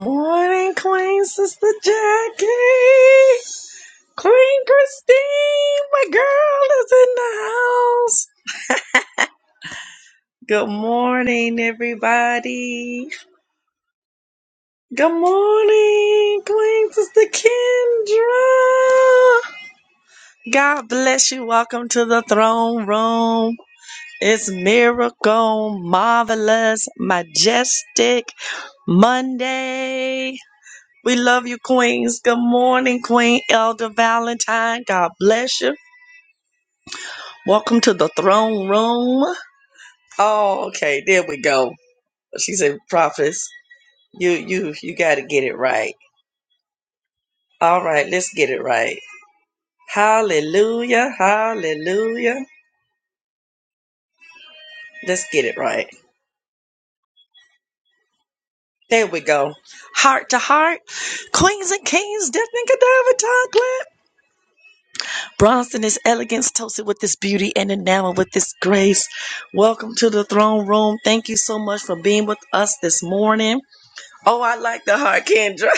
Morning, Queen Sister Jackie. Queen Christine, my girl, is in the house. Good morning, everybody. Good morning, Queen Sister Kendra. God bless you. Welcome to the throne room. It's miracle, marvelous, majestic Monday. We love you, Queens. Good morning, Queen Elder Valentine. God bless you. Welcome to the throne room. Oh, okay. There we go. She said, Prophets, you you you gotta get it right. All right, let's get it right. Hallelujah. Hallelujah. Let's get it right. There we go. Heart to heart. Queens and Kings, Tiffany Cadaver Chocolate. Bronze in his elegance, toasted with this beauty and enamored with this grace. Welcome to the throne room. Thank you so much for being with us this morning. Oh, I like the heart, Kendra.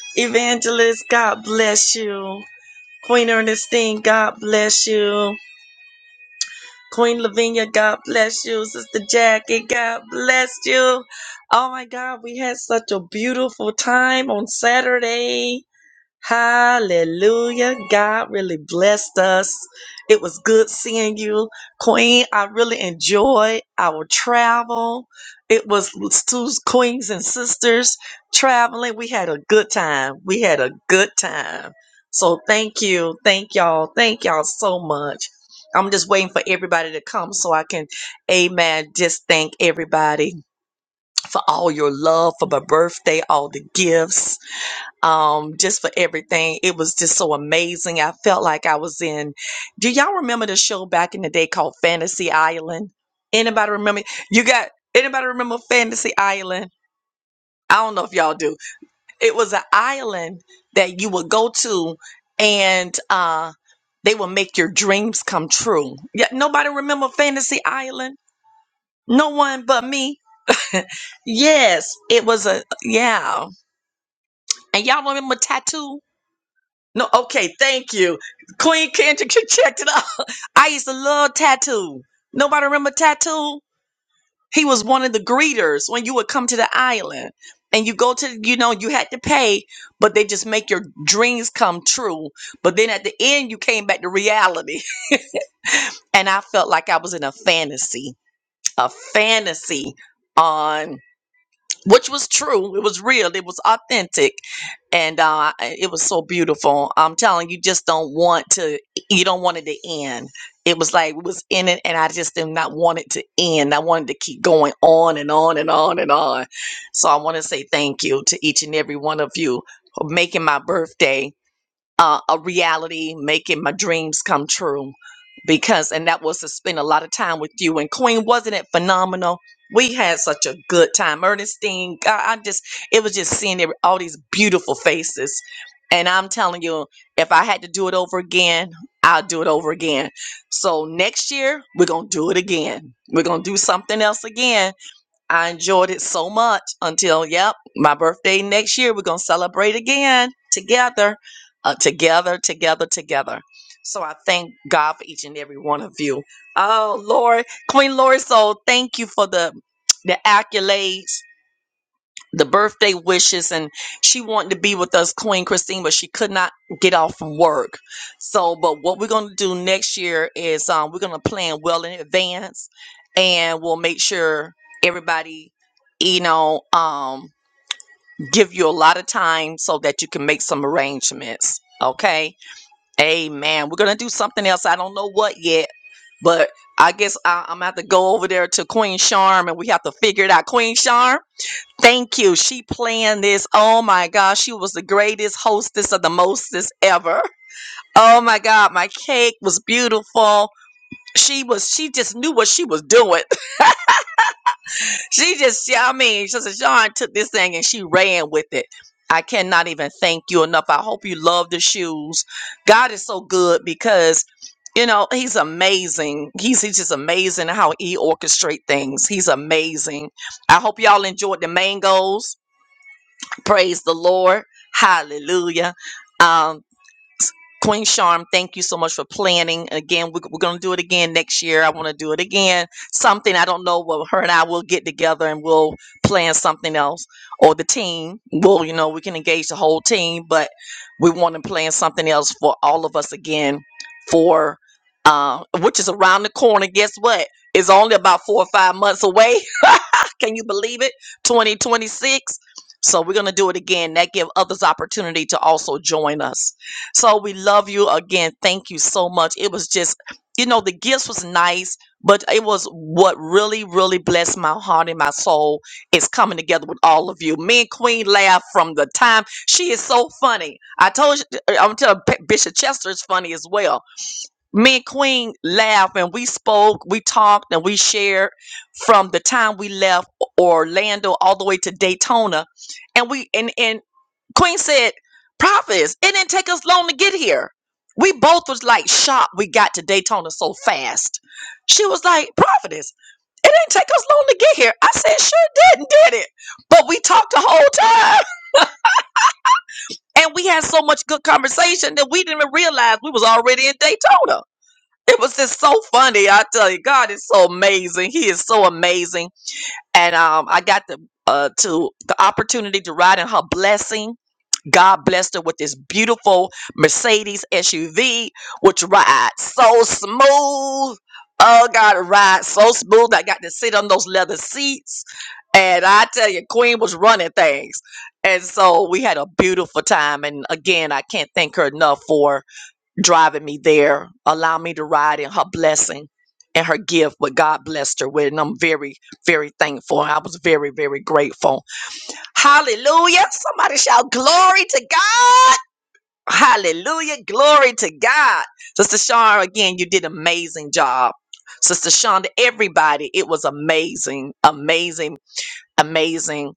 Evangelist, God bless you. Queen Ernestine, God bless you. Queen Lavinia, God bless you. Sister Jackie, God bless you. Oh my God, we had such a beautiful time on Saturday. Hallelujah. God really blessed us. It was good seeing you. Queen, I really enjoyed our travel. It was two queens and sisters traveling. We had a good time. We had a good time. So thank you. Thank y'all. Thank y'all so much. I'm just waiting for everybody to come so I can, amen, just thank everybody for all your love, for my birthday, all the gifts um, just for everything. It was just so amazing. I felt like I was in. Do y'all remember the show back in the day called Fantasy Island? Anybody remember? You got anybody remember Fantasy Island? I don't know if y'all do. It was an island that you would go to, and uh, they would make your dreams come true. Yeah, nobody remember Fantasy Island. No one but me. Yes, it was a yeah. And y'all remember Tattoo? No, okay, thank you. Queen Kendrick, you checked it out. I used to love Tattoo. Nobody remember Tattoo? He was one of the greeters when you would come to the island and you go to, you know, you had to pay, but they just make your dreams come true. But then at the end, you came back to reality. And I felt like I was in a fantasy, a fantasy on which was true. It was real. It was authentic, and uh, it was so beautiful. I'm telling you, just don't want to. You don't want it to end. It was like it was in it, and I just did not want it to end. I wanted to keep going on and on and on and on. So I want to say thank you to each and every one of you for making my birthday uh, a reality, making my dreams come true. Because, and that was to spend a lot of time with you. And Queen, wasn't it phenomenal? We had such a good time. Ernestine, I, I just, it was just seeing every- all these beautiful faces. And I'm telling you, if I had to do it over again, I'll do it over again. So next year, we're going to do it again. We're going to do something else again I enjoyed it so much until, yep, my birthday next year. We're going to celebrate again together, uh, together, together, together. So I thank God for each and every one of you. Oh, Lord, Queen Lori, so thank you for the the accolades the birthday wishes and she wanted to be with us queen christine but she could not get off from work so but what we're going to do next year is um, we're going to plan well in advance and we'll make sure everybody you know um, give you a lot of time so that you can make some arrangements okay amen we're going to do something else i don't know what yet but i guess I, i'm going to have to go over there to queen charm and we have to figure it out queen Charm. Thank you. She planned this. Oh my gosh, she was the greatest hostess of the mostest ever. Oh my god, my cake was beautiful. She was she just knew what she was doing. she just yeah, I mean, she said, John took this thing and she ran with it. I cannot even thank you enough. I hope you love the shoes. God is so good because you know, he's amazing. He's, he's just amazing how he orchestrate things. He's amazing. I hope y'all enjoyed the mangoes. Praise the Lord. Hallelujah. Um, Queen Charm, thank you so much for planning. Again, we're, we're going to do it again next year. I want to do it again. Something I don't know. what her and I will get together and we'll plan something else, or the team. Well, you know, we can engage the whole team, but we want to plan something else for all of us again. For uh, which is around the corner. Guess what? It's only about four or five months away. can you believe it? 2026. So we're going to do it again. That give others opportunity to also join us. So we love you again. Thank you so much. It was just, you know, the gifts was nice, but it was what really, really blessed my heart and my soul is coming together with all of you. Me and Queen laugh from the time she is so funny. I told you, uh, I'm telling P- Bishop Chester is funny as well. Me and Queen laugh and we spoke, we talked, and we shared from the time we left Orlando all the way to Daytona, and we and and Queen said, "Prophets, it didn't take us long to get here." We both was like shocked we got to Daytona so fast. She was like, "Prophetess, it didn't take us long to get here." I said, "Sure didn't, did it?" But we talked the whole time, and we had so much good conversation that we didn't even realize we was already in Daytona. It was just so funny, I tell you. God is so amazing. He is so amazing, and um, I got the uh to the opportunity to ride in her blessing God blessed her with this beautiful Mercedes SUV, which rides so smooth. Oh God, it rides so smooth. I got to sit on those leather seats. And I tell you, Queen was running things. And so we had a beautiful time. And again, I can't thank her enough for driving me there, allowing me to ride in her blessing and her gift, what God blessed her with. And I'm very, very thankful. I was very, very grateful. Hallelujah. Somebody shout glory to God. Hallelujah. Glory to God. Sister Shar, again, you did an amazing job. Sister Shonda, everybody, it was amazing, amazing, amazing.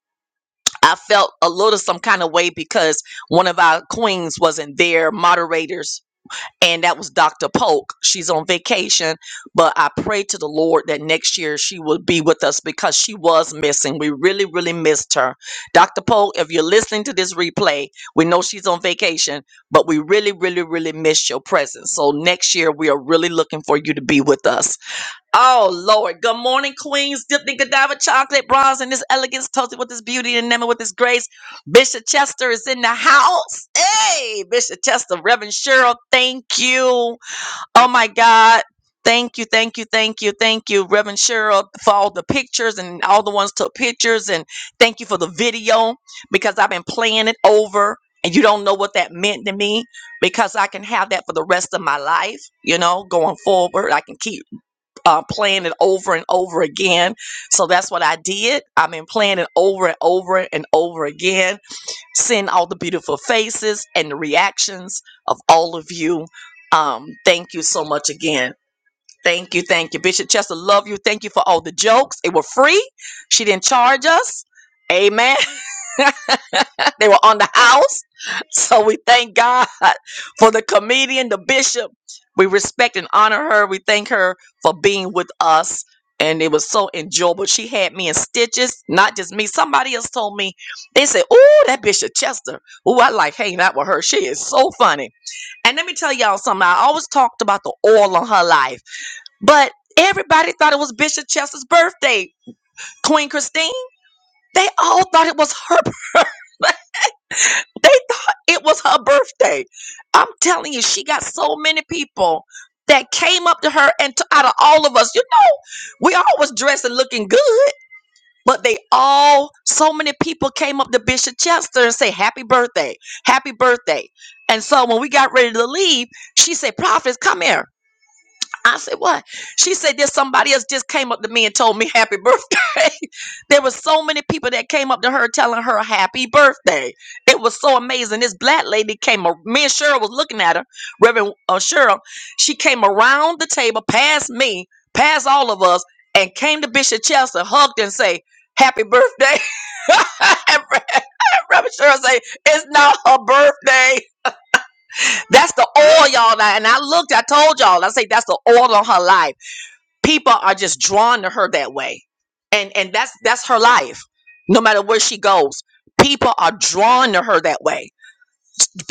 I felt a little some kind of way because one of our queens wasn't there, moderators and that was Dr. Polk. She's on vacation, but I pray to the Lord that next year she will be with us because she was missing. We really, really missed her. Dr. Polk, if you're listening to this replay, we know she's on vacation, but we really, really, really miss your presence. So next year we are really looking for you to be with us. Oh Lord. Good morning, Queens, dipped in Godiva chocolate, bronze in this elegance, toasted with this beauty and enamored with this grace. Bishop Chester is in the house. Hey, Bishop Chester, Reverend Cheryl, thank you. Oh my God. Thank you, thank you, thank you, thank you, Reverend Cheryl, for all the pictures and all the ones took pictures. And thank you for the video because I've been playing it over and you don't know what that meant to me because I can have that for the rest of my life, you know, going forward. I can keep uh, playing it over and over again. So that's what I did. I've been playing it over and over and over again, seeing all the beautiful faces and the reactions of all of you. Um, thank you so much again. Thank you, thank you, Bishop Chester. Love you. Thank you for all the jokes. They were free. She didn't charge us. Amen. They were on the house. So we thank God for the comedian, the bishop. We respect and honor her. We thank her for being with us. And it was so enjoyable. She had me in stitches, not just me. Somebody else told me, they said, Oh, that Bishop Chester. Oh, I like hanging out with her. She is so funny. And let me tell y'all something. I always talked about the oil on her life, but everybody thought it was Bishop Chester's birthday. Queen Christine, they all thought it was her birthday. They thought it was her birthday. I'm telling you, she got so many people that came up to her and t- out of all of us, you know, we all was dressed and looking good, but they all, so many people came up to Bishop Chester and say, happy birthday, happy birthday. And so when we got ready to leave, she said, prophets, come here. I said, what? She said there's somebody else just came up to me and told me happy birthday. there were so many people that came up to her telling her happy birthday. It was so amazing. This black lady came, a- me and Cheryl was looking at her, Reverend uh, Cheryl. She came around the table, past me, past all of us, and came to Bishop Chester, hugged and say, happy birthday. And Reverend Cheryl say, it's not her birthday. That's the oil, y'all. Now, And I looked, I told y'all, I say that's the oil on her life people are just drawn to her that way and and that's that's her life no matter where she goes people are drawn to her that way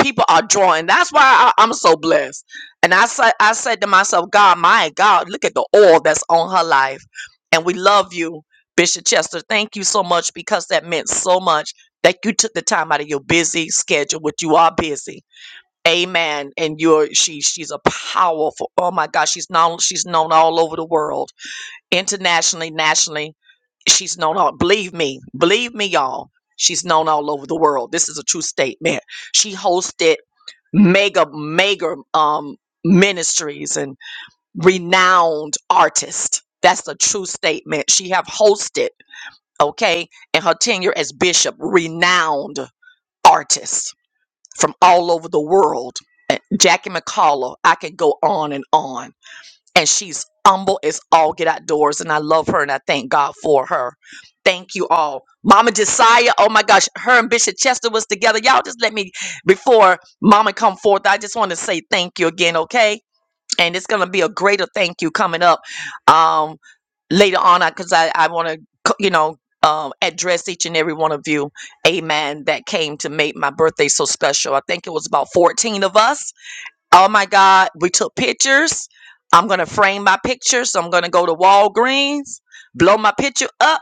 people are drawn that's why I, i'm so blessed and i said i said to myself god my god look at the oil that's on her life and we love you bishop chester thank you so much because that meant so much that you took the time out of your busy schedule which you are busy amen and you're she she's a powerful oh my god she's known she's known all over the world internationally, nationally. She's known all, believe me, believe me, y'all. She's known all over the world. This is a true statement. She hosted mega, mega um, ministries and renowned artists. That's a true statement. She have hosted, okay, in her tenure as bishop, renowned artists from all over the world. And Jackie McCullough, I could go on and on and she's humble as all get outdoors and i love her and i thank god for her thank you all mama josiah oh my gosh her and bishop chester was together y'all just let me before mama come forth i just want to say thank you again okay and it's gonna be a greater thank you coming up um later on because i 'cause i I want to you know um, address each and every one of you, amen, that came to make my birthday so special. I think it was about 14 of us Oh my God, we took pictures. I'm going to frame my picture. So I'm going to go to Walgreens, blow my picture up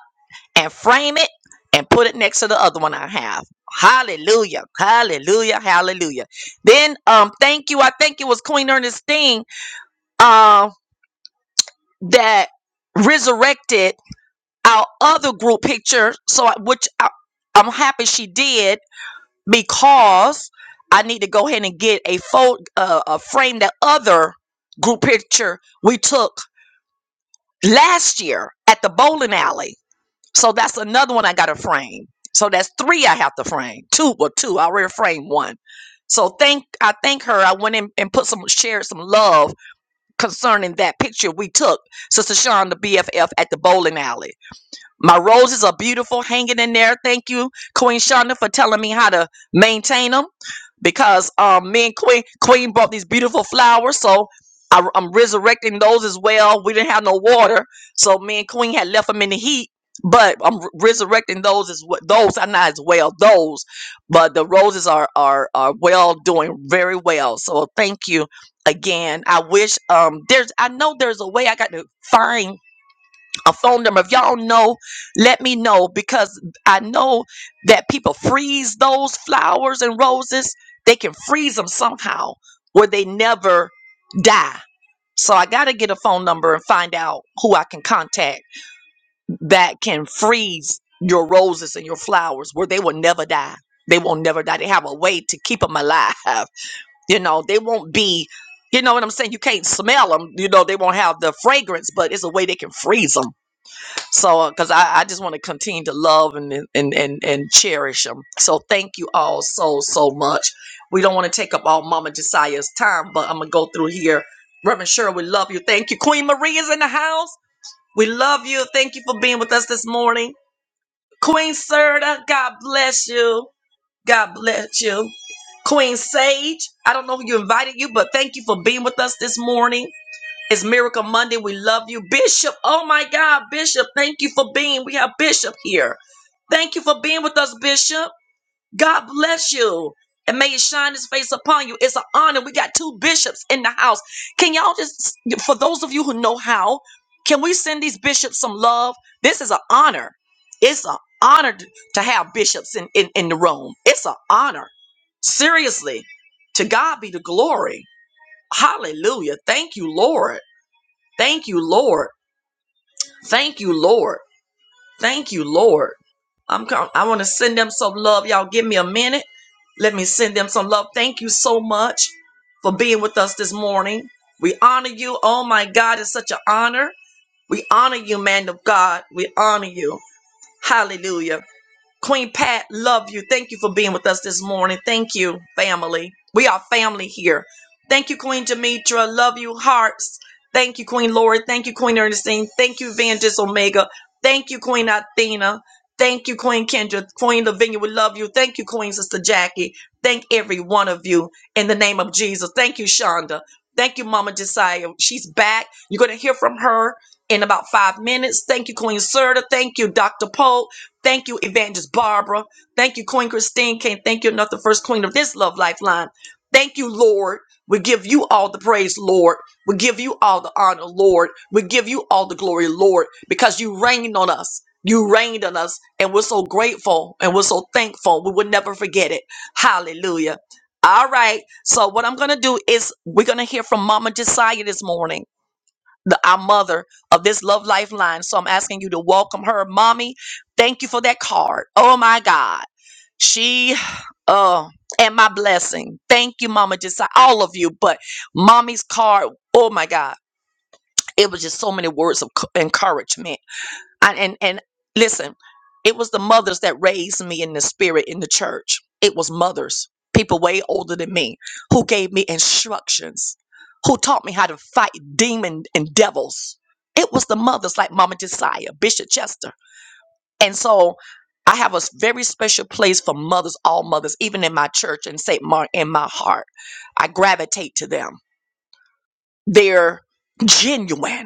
and frame it and put it next to the other one I have. Hallelujah. Hallelujah. Hallelujah. Then um thank you. I think it was Queen Ernestine um that resurrected our other group picture so I, which I, I'm happy she did because I need to go ahead and get a fold, uh, a frame that other group picture we took last year at the bowling alley. So that's another one I got to frame. So that's three I have to frame. Two, or two. I already framed one. So thank I thank her. I went in and put some shared some love concerning that picture we took, Sister Sean, the BFF at the bowling alley. My roses are beautiful, hanging in there. Thank you, Queen Shonda, for telling me how to maintain them. Because um, me and Queen Queen brought these beautiful flowers, so I, am resurrecting those as well. We didn't have no water, so me and Queen had left them in the heat. But I'm re- resurrecting those as well. Those are not as well. Those, but the roses are are are well doing very well. So thank you again. I wish um there's I know there's a way I got to find a phone number. If y'all know, let me know because I know that people freeze those flowers and roses. They can freeze them somehow where they never die. So I got to get a phone number and find out who I can contact that can freeze your roses and your flowers where they will never die. They will not never die. They have a way to keep them alive. You know, they won't be, you know what I'm saying? You can't smell them. You know, they won't have the fragrance, but it's a way they can freeze them. So, because I, I just want to continue to love and, and and and cherish them. So, thank you all so so much. We don't want to take up all Mama Josiah's time, but I'm gonna go through here. Reverend Sure, we love you. Thank you. Queen Maria's in the house. We love you. Thank you for being with us this morning. Queen Serta, God bless you. God bless you. Queen Sage, I don't know who you invited you, but thank you for being with us this morning. It's Miracle Monday. We love you, Bishop. Oh my God, Bishop, thank you for being. We have Bishop here. Thank you for being with us, Bishop. God bless you. And may He shine his face upon you. It's an honor. We got two bishops in the house. Can y'all just, for those of you who know how, can we send these bishops some love? This is an honor. It's an honor t- to have bishops in, in, in the room. It's an honor. Seriously. To God be the glory. Hallelujah. Thank you, Lord. Thank you, Lord. Thank you, Lord. Thank you, Lord. I'm com- I want to send them some love. Y'all give me a minute. Let me send them some love. Thank you so much for being with us this morning. We honor you. Oh my God, it's such an honor. We honor you, man of God. We honor you. Hallelujah. Queen Pat, love you. Thank you for being with us this morning. Thank you, family. We are family here. Thank you, Queen Demetra. Love you, hearts. Thank you, Queen Lori. Thank you, Queen Ernestine. Thank you, Evangelist Omega. Thank you, Queen Athena. Thank you, Queen Kendra. Queen Lavinia, we love you. Thank you, Queen Sister Jackie. Thank every one of you in the name of Jesus. Thank you, Shonda. Thank you, Mama Josiah. She's back. You're going to hear from her in about five minutes. Thank you, Queen Serta. Thank you, Dr. Pope. Thank you, Evangelist Barbara. Thank you, Queen Christine. Can't thank you enough, the first queen of this Love Lifeline. Thank you, Lord. We give you all the praise, Lord. We give you all the honor, Lord. We give you all the glory, Lord, because you rained on us. You rained on us, and we're so grateful and we're so thankful. We will never forget it. Hallelujah. All right. So, what I'm going to do is we're going to hear from Mama Josiah this morning the, our mother of this love lifeline. So I'm asking you to welcome her, mommy. Thank you for that card. Oh my God, she, uh, and my blessing. Thank you, Mama. Just all of you, but mommy's card. Oh my God, it was just so many words of c- encouragement I, and and listen, it was the mothers that raised me in the spirit in the church. It was mothers, people way older than me, who gave me instructions, who taught me how to fight demon and devils. It was the mothers like Mama Josiah, Bishop Chester, and so I have a s- very special place for mothers, all mothers, even in my church and Saint Mark. in my heart. I gravitate to them. They're genuine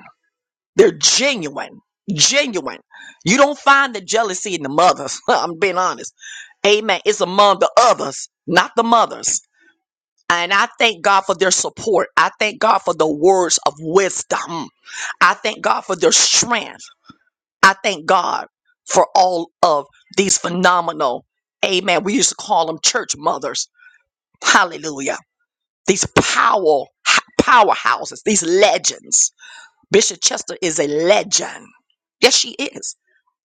they're genuine, genuine. You don't find the jealousy in the mothers. I'm being honest. Amen. It's among the others, not the mothers. And I thank God for their support. I thank God for the words of wisdom. I thank God for their strength. I thank God for all of these phenomenal, amen. We used to call them church mothers. Hallelujah. These power, powerhouses, these legends. Bishop Chester is a legend. Yes, she is.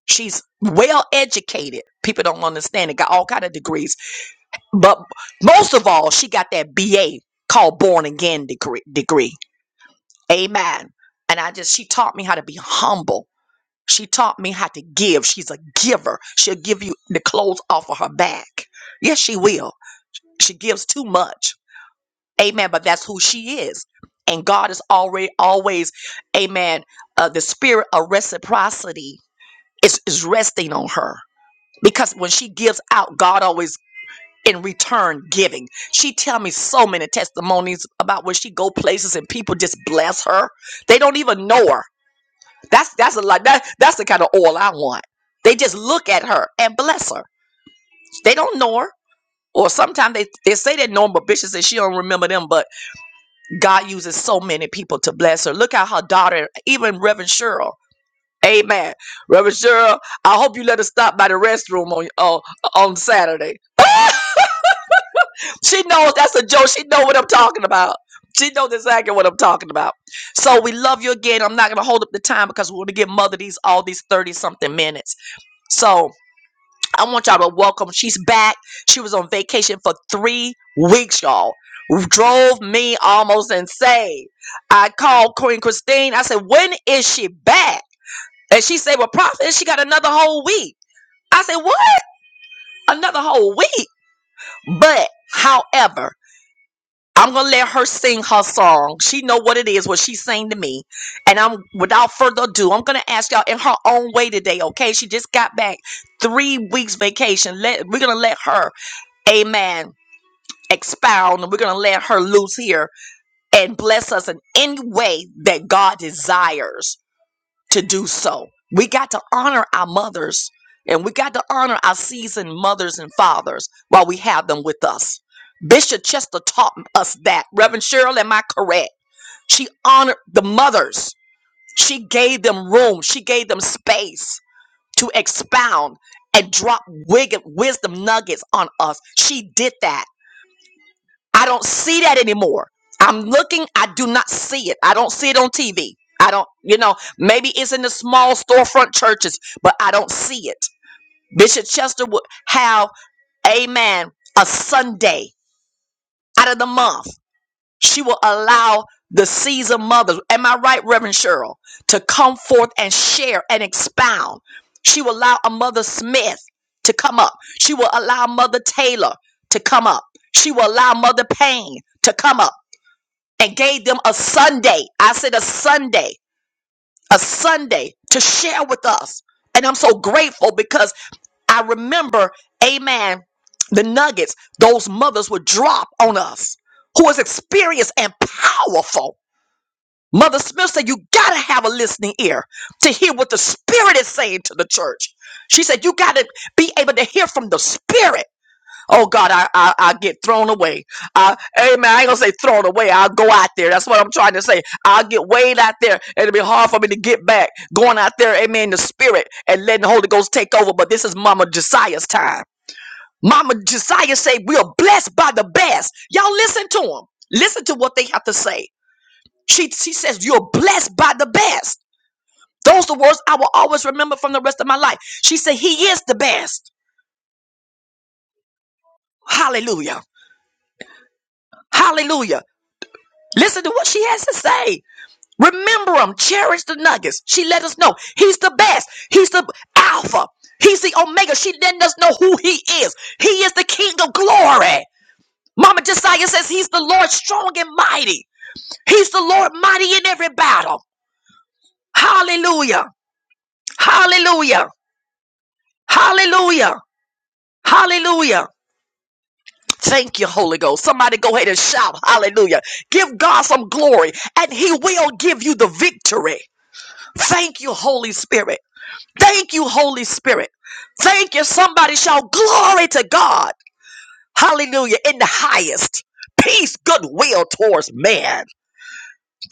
She's well educated. People don't understand it. Got all kind of degrees, but most of all, she got that BA called born again degree. Degree, amen. And I just she taught me how to be humble. She taught me how to give. She's a giver. She'll give you the clothes off of her back. Yes, she will. She gives too much, amen. But that's who she is. And God is already always, amen. Uh, the spirit of reciprocity is is resting on her because when she gives out god always in return giving she tell me so many testimonies about when she go places and people just bless her they don't even know her that's that's a lot that, that's the kind of oil i want they just look at her and bless her they don't know her or sometimes they, they say they know her, but Bishop says she don't remember them. But God uses so many people to bless her. Look at her daughter, even Reverend Cheryl. Amen. Reverend Cheryl, I hope you let her stop by the restroom on uh, on Saturday. She knows that's a joke. She know what I'm talking about. She knows exactly what I'm talking about. So we love you again. I'm not gonna hold up the time because we want to give mother these all these 30 something minutes. So I want y'all to welcome. She's back. She was on vacation for three weeks, y'all. Drove me almost insane. I called Queen Christine. I said, when is she back? And she said, Well, Prophet, she got another whole week. I said, What? Another whole week. But however, I'm gonna let her sing her song. She know what it is, what she's saying to me. And I'm without further ado, I'm gonna ask y'all in her own way today, okay? She just got back three weeks vacation. Let we're gonna let her, amen, expound and we're gonna let her loose here and bless us in any way that God desires to do so. We got to honor our mothers and we got to honor our seasoned mothers and fathers while we have them with us. Bishop Chester taught us that. Reverend Cheryl, am I correct? She honored the mothers. She gave them room. She gave them space to expound and drop wig- wisdom nuggets on us. She did that. I don't see that anymore. I'm looking, I do not see it. I don't see it on TV. I don't, you know, maybe it's in the small storefront churches, but I don't see it. Bishop Chester would have, amen, a Sunday out of the month. She will allow the season mothers, am I right, Reverend Cheryl, to come forth and share and expound. She will allow a Mother Smith to come up. She will allow Mother Taylor to come up. She will allow Mother Payne to come up and gave them a Sunday. I said a Sunday, a Sunday to share with us. And I'm so grateful because I remember, amen, the nuggets those mothers would drop on us who is experienced and powerful. Mother Smith said, You got to have a listening ear to hear what the Spirit is saying to the church. She said, You got to be able to hear from the Spirit. Oh God, I I, I get thrown away. I, amen. I ain't gonna say thrown away. I'll go out there. That's what I'm trying to say. I'll get weighed out there. and It'll be hard for me to get back. Going out there, amen, in the spirit and letting the Holy Ghost take over. But this is Mama Josiah's time. Mama Josiah say we are blessed by the best. Y'all listen to him. Listen to what they have to say. She she says you're blessed by the best. Those are words I will always remember from the rest of my life. She said he is the best. Hallelujah. Hallelujah. Listen to what she has to say. Remember him. Cherish the nuggets. She let us know he's the best. He's the alpha. He's the omega. She letting us know who he is. He is the king of glory. Mama Josiah says he's the Lord strong and mighty. He's the Lord mighty in every battle. Hallelujah. Hallelujah. Hallelujah. Hallelujah. Thank you, Holy Ghost. Somebody go ahead and shout hallelujah. Give God some glory and he will give you the victory. Thank you, Holy Spirit. Thank you, Holy Spirit. Thank you. Somebody shout glory to God. Hallelujah. In the highest. Peace, goodwill towards man.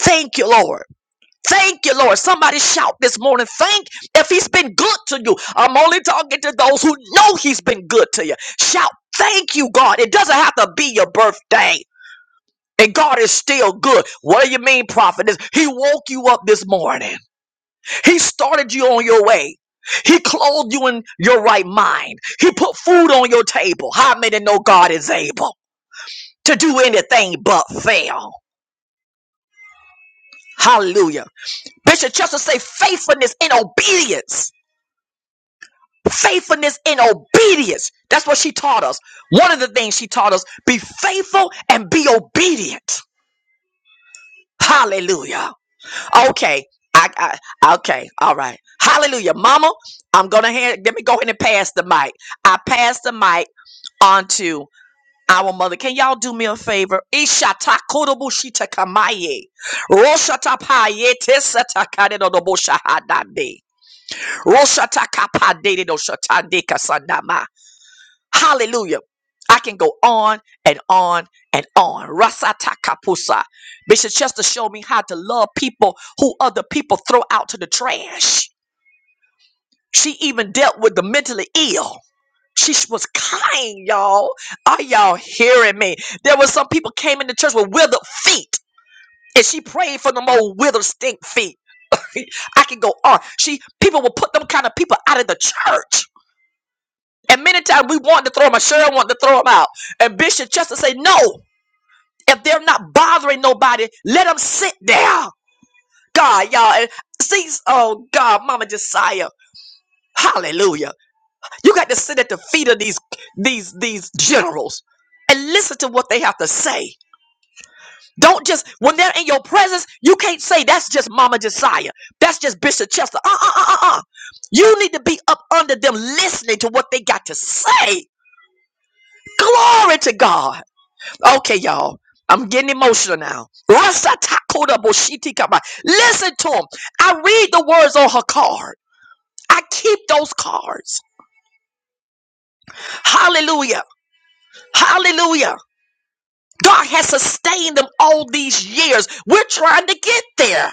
Thank you, Lord. Thank you, Lord. Somebody shout this morning. Thank if he's been good to you. I'm only talking to those who know he's been good to you. Shout, thank you, God. It doesn't have to be your birthday. And God is still good. What do you mean, prophet? He woke you up this morning. He started you on your way. He clothed you in your right mind. He put food on your table. How many know God is able to do anything but fail? Hallelujah. Bishop Chester say faithfulness in obedience. Faithfulness in obedience. That's what she taught us. One of the things she taught us, be faithful and be obedient. Hallelujah. Okay. I, I okay. All right. Hallelujah. Mama, I'm gonna hand let me go ahead and pass the mic. I pass the mic onto our mother. Can y'all do me a favor? Ishata korobushita kamaye. Roshata payete satakade no sata karedodoboshahadande. Roshata kapade no doshatande kasandama. Hallelujah. I can go on and on and on. Rasata kapusa. Bishop Chester showed me how to love people who other people throw out to the trash. She even dealt with the mentally ill. She sh- was kind, y'all. Are y'all hearing me? There were some people came into church with withered feet. And she prayed for them old withered stink feet. I can go on. She people will put them kind of people out of the church. And many times we wanted to throw them out. Sharon wanted to throw them out. And Bishop Chester say, no, if they're not bothering nobody, let them sit there. God, y'all. And see, oh God, Mama Josiah. Hallelujah. You got to sit at the feet of these these these generals and listen to what they have to say. Don't just when they're in your presence, you can't say that's just Mama Josiah. That's just Bishop Chester. Uh uh uh uh. uh. You need to be up under them listening to what they got to say. Glory to God. Okay, y'all. I'm getting emotional now. Rasatakoda Listen to them. I read the words on her card. I keep those cards. Hallelujah. Hallelujah. God has sustained them all these years. We're trying to get there.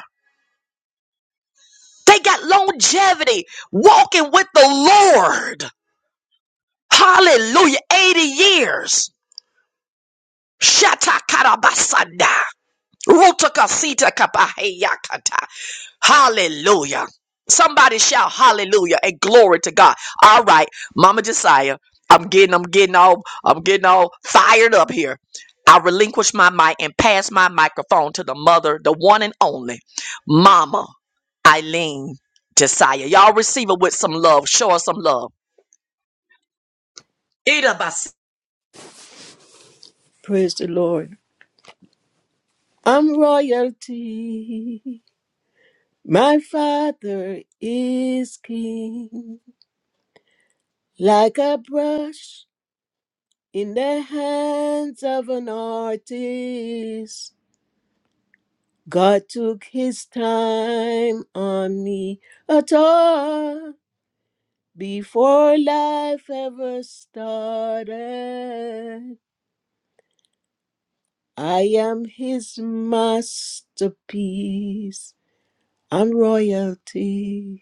They got longevity walking with the Lord. Hallelujah. 80 years. Shatakarabasanda. Rutakasita Hallelujah. Somebody shout hallelujah and glory to God. All right, Mama Josiah, I'm getting I'm getting all I'm getting all fired up here. I relinquish my mic and pass my microphone to the mother, the one and only Mama Eileen Josiah. Y'all receive her with some love. Show her some love. Eat up, Praise the Lord. I'm royalty. My father is king. Like a brush in the hands of an artist. God took his time on me at all. Before life ever started, I am his masterpiece. I'm royalty.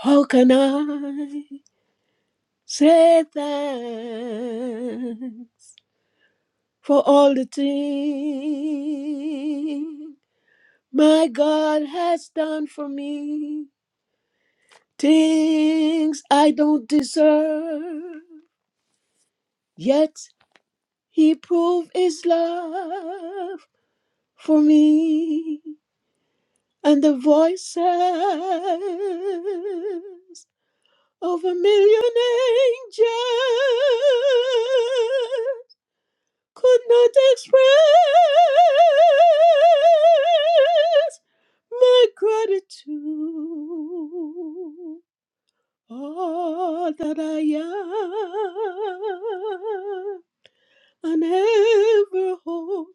How can I say thanks for all the things my God has done for me? Things I don't deserve, yet He proved His love for me. And the voices of a million angels could not express my gratitude. All that I am and ever hope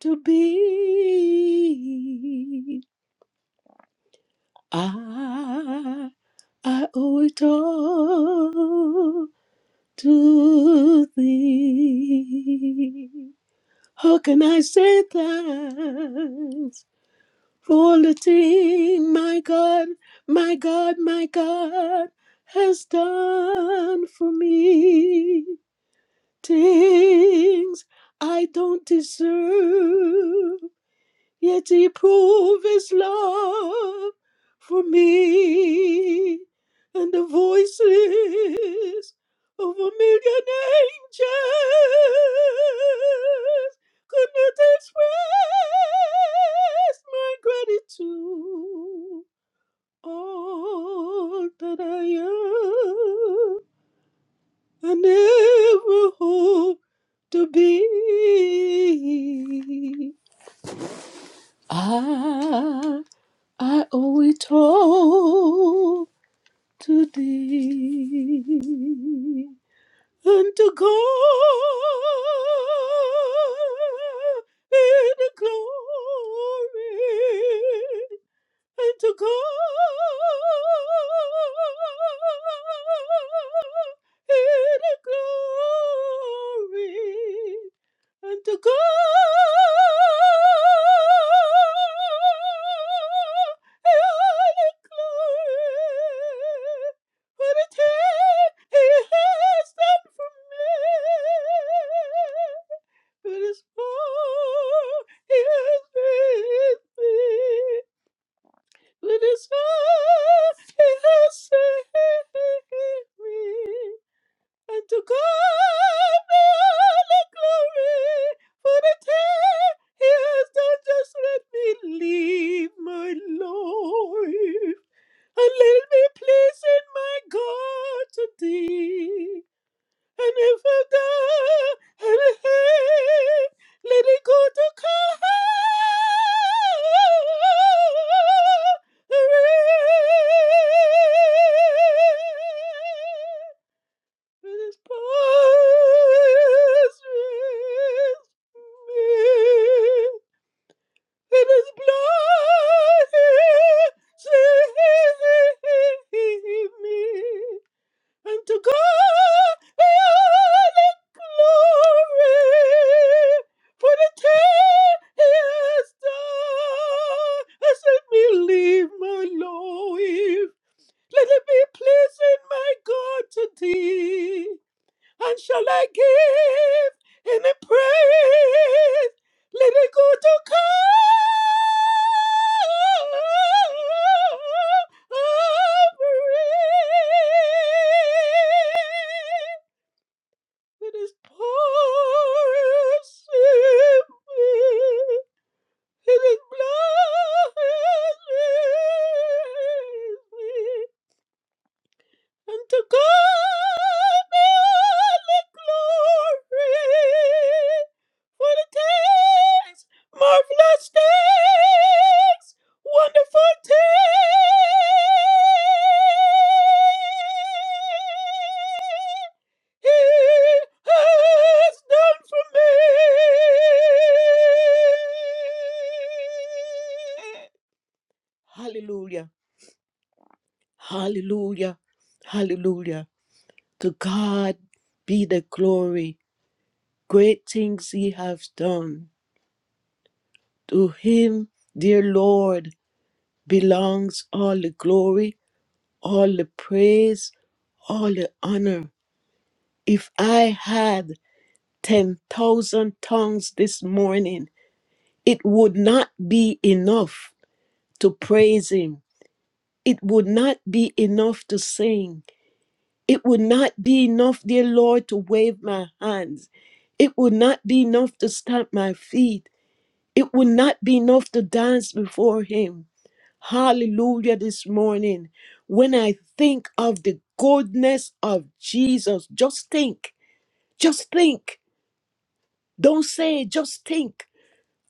to be. I, I owe it all to thee. How can I say thanks for all the thing my God, my God, my God has done for me? Things I don't deserve, yet he proved his love for me. And the voices of a million angels could not express my gratitude. All that I am, and ever hope to be. I I owe it all to thee and to God be the glory and to God in the glory and to God in the glory what a time he has done for me it is all he has made me let us say, and to God be all the glory for the time He has done. Just let me live my life and let it be pleasing, my God, to Thee. And if I die, and hey, let it go to Calvary. It is past me. It is blood. Save me. And to God be all the glory for the thing He has done. I said, believe my Lord. Let it be pleasing, my God, to thee and shall I give any praise? Let it go to Calvary. It is pouring it is blowing And to God be all the glory for the things, marvelous things, wonderful things He has done for me. Hallelujah. Hallelujah. Hallelujah. To God be the glory. Great things he has done. To him, dear Lord, belongs all the glory, all the praise, all the honor. If I had 10,000 tongues this morning, it would not be enough to praise him. It would not be enough to sing. It would not be enough, dear Lord, to wave my hands. It would not be enough to stamp my feet. It would not be enough to dance before Him. Hallelujah, this morning. When I think of the goodness of Jesus, just think, just think. Don't say, just think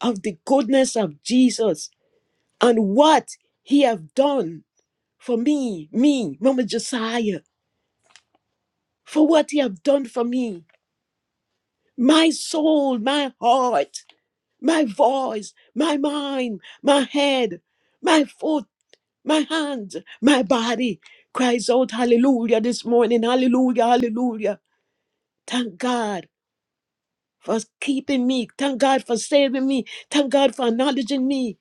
of the goodness of Jesus and what He have done for me, me, Mama Josiah, for what He have done for me. my soul, my heart, my voice, my mind, my head, my foot, my hand, my body cries out hallelujah this morning. Hallelujah, hallelujah. Thank God for keeping me. Thank God for saving me. Thank God for acknowledging me.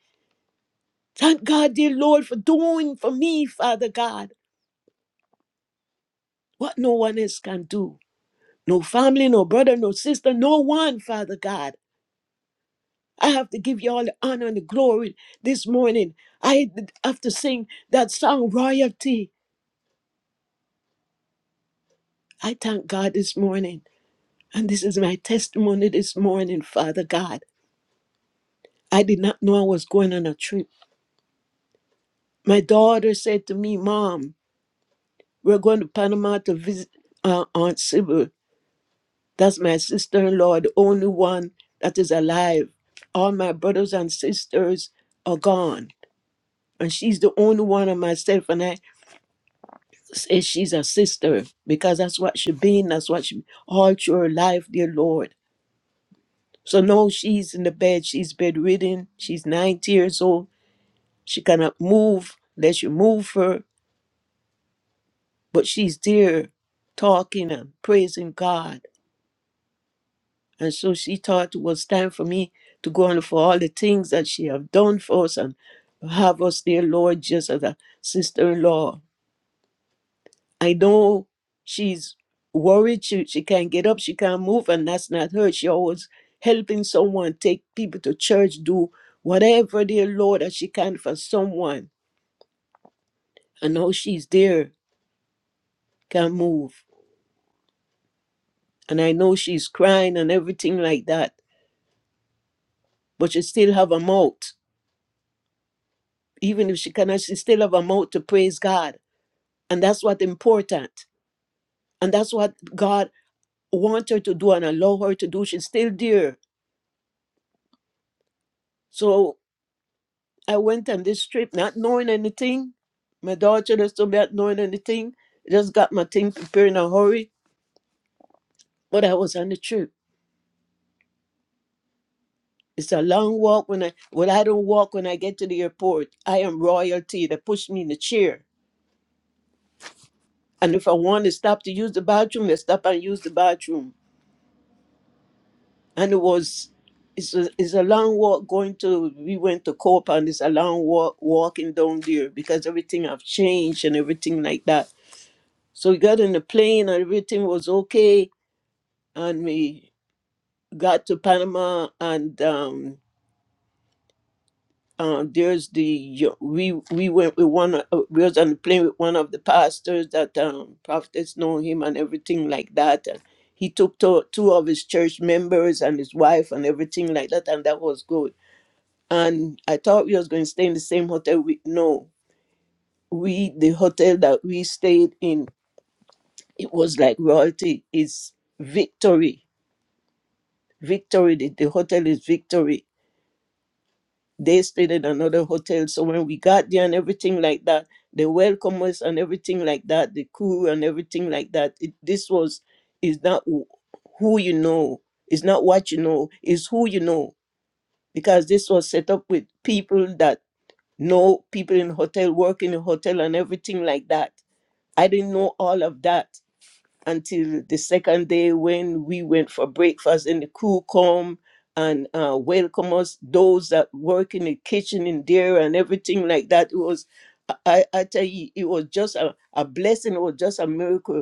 Thank God, dear Lord, for doing for me, Father God, what no one else can do. No family, no brother, no sister, no one, Father God. I have to give you all the honor and the glory this morning. I have to sing that song, Royalty. I thank God this morning. And this is my testimony this morning, Father God. I did not know I was going on a trip. My daughter said to me, Mom, we're going to Panama to visit uh, Aunt Sybil. That's my sister in law, the only one that is alive. All my brothers and sisters are gone. And she's the only one of myself. And I s- she's a sister because that's what she been. That's what she all through her life, dear Lord. So now she's in the bed. She's bedridden. She's 90 years old. She cannot move unless you move her. But she's there talking and praising God. And so she thought it was time for me to go on for all the things that she have done for us and have us, dear Lord, just as a sister-in-law I know she's worried. She, she can't get up. She can't move. And that's not her. She always helping someone, take people to church, do whatever, dear Lord, that she can for someone. I know she's there, can't move. And I know she's crying and everything like that. But she still have a mouth. Even if she cannot, she still have a mouth to praise God. And that's what important. And that's what God want her to do and allow her to do. She's still there. So I went on this trip not knowing anything. My daughter just told me not knowing anything. I just got my thing prepared in a hurry, but I was on the trip. It's a long walk when I well, I don't walk when I get to the airport. I am royalty. They push me in the chair. And if I want to stop to use the bathroom, they stop and use the bathroom. And it was it's a, it's a long walk going to we went to Copa and it's a long walk walking down there because everything have changed and everything like that. So we got in the plane and everything was okay and we got to Panama and um, uh, there's the we we went with one of- uh, we was on the plane with one of the pastors that um, prophets know him and everything like that and he took to, two of his church members and his wife and everything like that and that was good and I thought we was going to stay in the same hotel we no we the hotel that we stayed in it was like royalty It's victory victory the, the hotel is victory They stayed at another hotel. So when we got there and everything like that, the welcome us and everything like that, the crew and everything like that. It, this was is not who who you know. It's not what you know. It's who you know. Because this was set up with people that know people in hotel, work in a hotel, and everything like that. I didn't know all of that until the second day when we went for breakfast and the crew come and uh, welcome us those that work in the kitchen in there and everything like that it was i i I tell you it was just a, a blessing it was just a miracle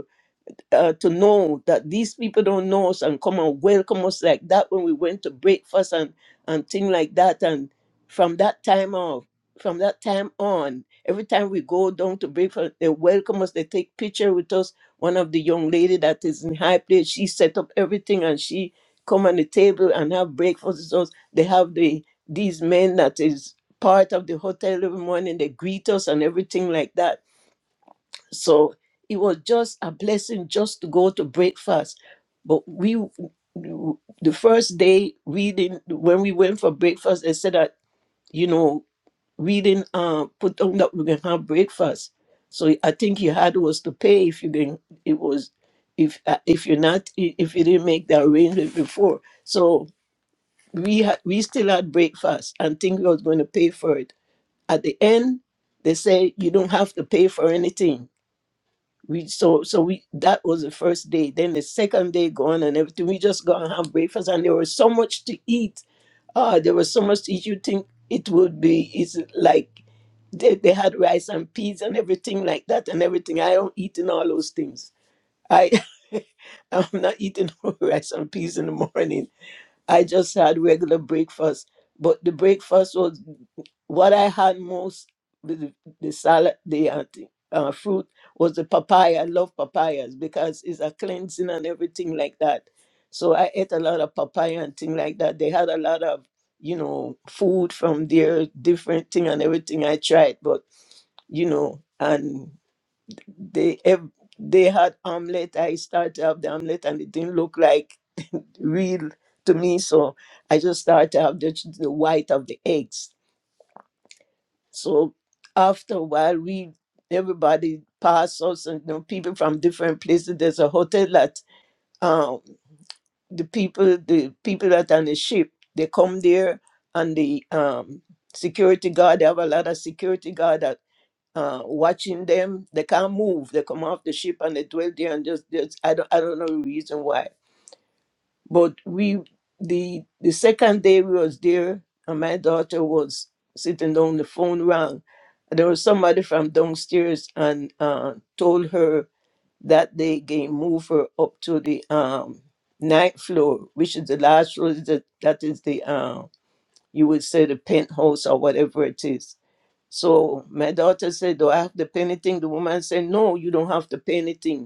uh, to know that these people don't know us and come and welcome us like that when we went to breakfast and and thing like that. And from that time off, from that time on, every time we go down to breakfast, they welcome us. They take picture with us. One of the young lady that is in high place, she set up everything and she come on the table and have breakfast with us. They have the these men that is part of the hotel every morning. They greet us and everything like that so it was just a blessing just to go to breakfast. But we, the first day reading, when we went for breakfast, they said that, you know, reading, uh, put on that we can have breakfast. So I think you had was to pay if you can, it was, if uh, if you're not, if you didn't make the arrangement before. So we had, we still had breakfast and think we was going to pay for it. At the end, they say you don't have to pay for anything we so so we that was the first day. Then the second day gone and everything. We just go and have breakfast and there was so much to eat. Ah, there was so much to eat. You think it would be it's like they, they had rice and peas and everything like that and everything. I don't eat in all those things. I I'm not eating rice and peas in the morning. I just had regular breakfast. But the breakfast was what I had most the, the salad, the uh, thing, uh, fruit was the papaya. I love papayas because it's a cleansing and everything like that. So I ate a lot of papaya and thing like that. They had a lot of you know food from their different thing and everything. I tried, but you know, and they ev- they had omelet. I started up the omelet and it didn't look like real to me, so I just started up the, the white of the eggs so after a while, we everybody passed us, and you know, people from different places. There's a hotel that um, the people, the people that on the ship, they come there, and the um, security guard. They have a lot of security guard that. Uh, watching them, they can't move. They come off the ship and they dwell there and just, just I don't, I don't know the reason why but we the the second day we was there and my daughter was sitting on the phone rang. And there was somebody from downstairs and uh, told her that they can move her up to the um ninth floor, which is the last floor that that is the um you would say the penthouse or whatever it is. So my daughter said, Do I have to pay anything? The woman said, No, you don't have to pay anything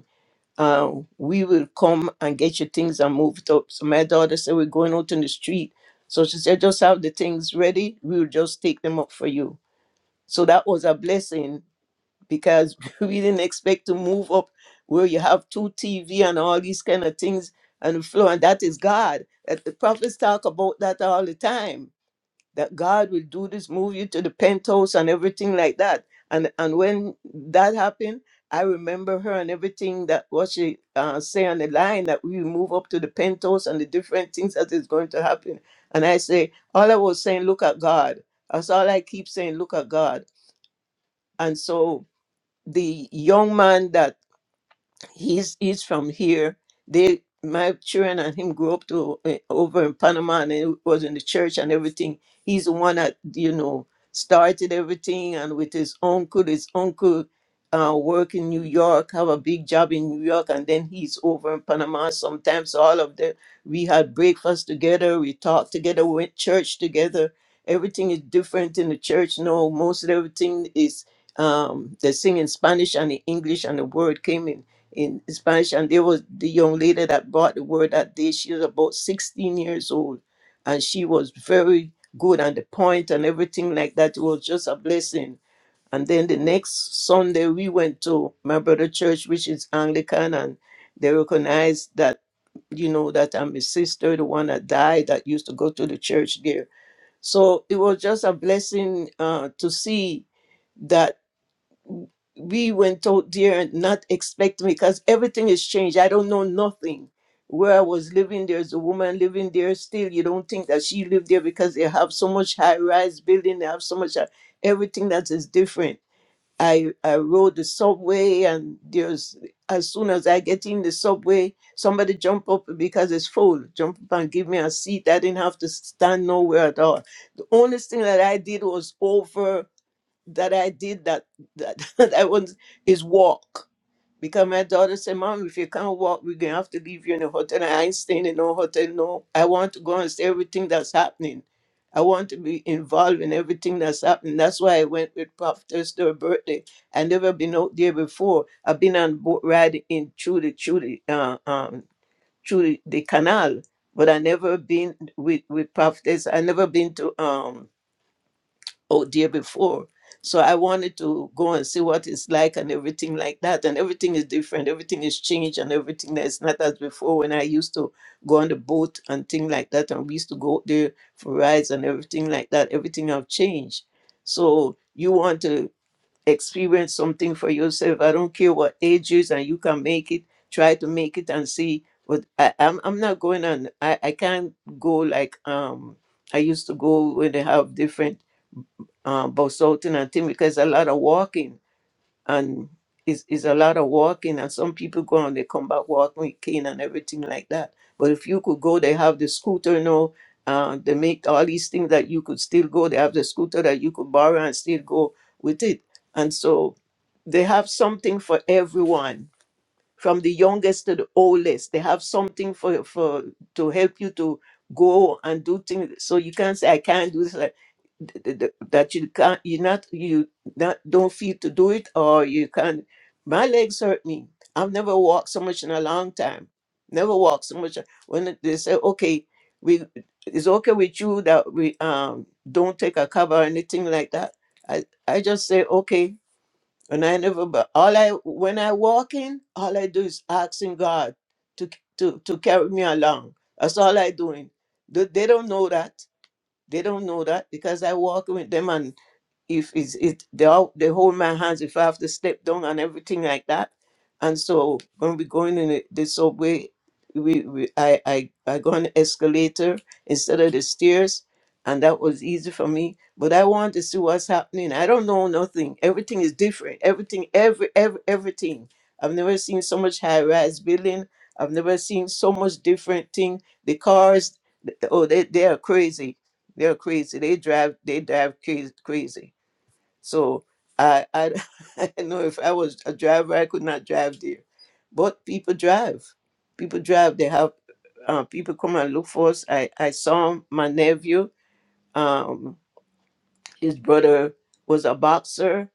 uh, we will come and get your things and move it up. So my daughter said, We're going out in the street. So she said, Just have the things ready. We will just take them up for you. So that was a blessing because we didn't expect to move up where you have two TV and all these kind of things on the floor. And that is God. That the prophets talk about that all the time that God will do this, move you to the penthouse and everything like that. And and when that happened, I remember her and everything that what she uh, say on the line that we move up to the penthouse and the different things that is going to happen. And I say, all I was saying, look at God. That's all I keep saying, look at God. And so the young man that he's he's from here. They my children and him grew up to uh, over in Panama and he was in the church and everything. He's the one that you know started everything and with his uncle, his uncle uh, work in New York, have a big job in New York, and then he's over in Panama. Sometimes all of them we had breakfast together, we talked together, we went church together. Everything is different in the church. No, most of everything is um, they sing in Spanish and in English, and the word came in in Spanish, and there was the young lady that brought the word that day. She was about 16 years old, and she was very good on the point and everything like that. It was just a blessing. And then the next Sunday, we went to my brother church, which is Anglican, and they recognized that you know that I'm his sister, the one that died that used to go to the church there. So it was just a blessing uh, to see that we went out there and not expecting because everything has changed. I don't know nothing. Where I was living, there's a woman living there still. You don't think that she lived there because they have so much high-rise building. They have so much uh, everything that is different. I I rode the subway and there's as soon as I get in the subway, somebody jump up because it's full. Jump up and give me a seat. I didn't have to stand nowhere at all. The only thing that I did was over that I did that that that was is walk. Because my daughter said, Mom, if you can't walk, we're gonna have to leave you in a hotel. And I ain't staying in no hotel, no. I want to go and see everything that's happening. I want to be involved in everything that's happening. That's why I went with Prophetess to her birthday. I never been out there before. I've been on boat ride in through the through the uh, um through the, the canal, but I never been with with Prophetess. I never been to um oh dear before so i wanted to go and see what it's like and everything like that and everything is different everything is changed and everything that's not as before when i used to go on the boat and things like that and we used to go there for rides and everything like that everything have changed so you want to experience something for yourself i don't care what age is and you can make it try to make it and see but I, I'm, I'm not going on I, I can't go like um i used to go when they have different uh, Bosoton and things because a lot of walking and is is a lot of walking and some people go and they come back walking with cane and everything like that. But if you could go, they have the scooter now. Uh, they make all these things that you could still go. They have the scooter that you could borrow and still go with it. And so they have something for everyone from the youngest to the oldest. They have something for for to help you to go and do things. So you can't say I can't do this. uh, th- th- th- That you can't. You not you not don't feel to do it, or you can't. My legs hurt me. I've never walked so much in a long time. Never walked so much. When they say okay, we it's okay with you that we um don't take a cover or anything like that. I I just say okay and I never, but all I, when I walk in, all I do is asking God to, to, to carry me along. That's all I doing. They they don't know that. They don't know that because I walk with them and if it's it they all they hold my hands if I have to step down and everything like that. And so when we going in the the subway, we, we I, I I go on the escalator instead of the stairs, and that was easy for me. But I want to see what's happening. I don't know nothing. Everything is different. Everything, every every everything. I've never seen so much high rise building. I've never seen so much different thing. The cars, th- oh, they they are crazy. They're crazy. They drive they drive crazy crazy so I, I, I know if I was a driver, I could not drive there. But people drive. People drive. They have uh, people come and look for us. I, I saw my nephew. Um, his brother was a boxer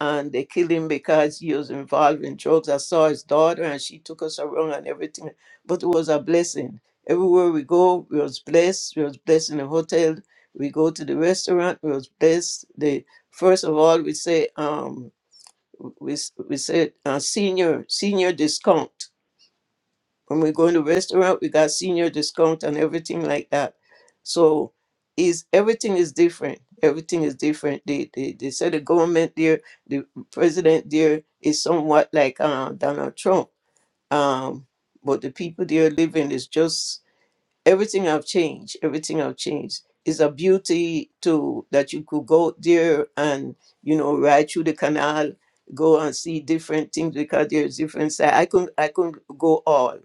and they killed him because he was involved in drugs. I saw his daughter and she took us around and everything. But it was a blessing. Everywhere we go, we was blessed. We was blessed in the hotel. We go to the restaurant, we was blessed. The first of all, we say um we we said uh, senior senior discount when we go in the restaurant, we got senior discount and everything like that. So is everything is different. Everything is different. They, they they said the government there, the president there is somewhat like uh, Donald Trump. Um, but the people there living is just everything have changed. Everything have changed. It's a beauty to that you could go there and you know ride through the canal, go and see different things because there's different side. I couldn't I couldn't go all.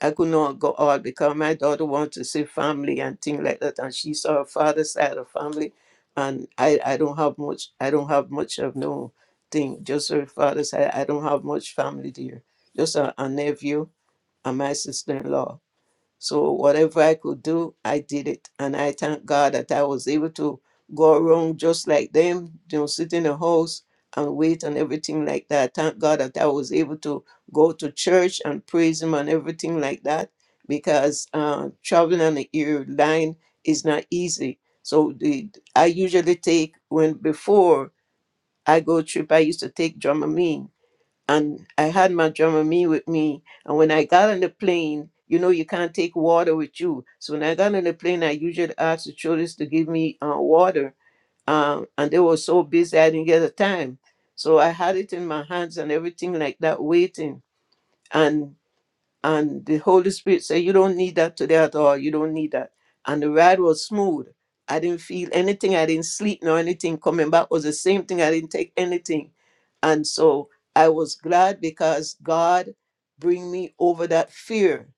I could not go out because my daughter wants to see family and things like that, and she saw her father's side of family, and I, I don't have much. I don't have much of no thing. Just her father's side. I don't have much family there. Just a, a nephew and my sister-in-law. So whatever I could do, I did it. And I thank God that I was able to go around just like them, you know, sit in a house and wait and everything like that. Thank God that I was able to go to church and praise Him and everything like that because uh, traveling on the airline is not easy. So the I usually take when before I go trip, I used to take Dramamine and I had my Dramamine with me. And when I got on the plane, you know, you can't take water with you. So when I got on the plane, I usually asked the children to give me uh, water. Um, and they were so busy, I didn't get the time. So I had it in my hands and everything like that, waiting. and. And the Holy Spirit said, You don't need that today at all. You don't need that. And the ride was smooth. I didn't feel anything. I didn't sleep nor anything. Coming back was the same thing. I didn't take anything. And so I was glad because God bring me over that fear.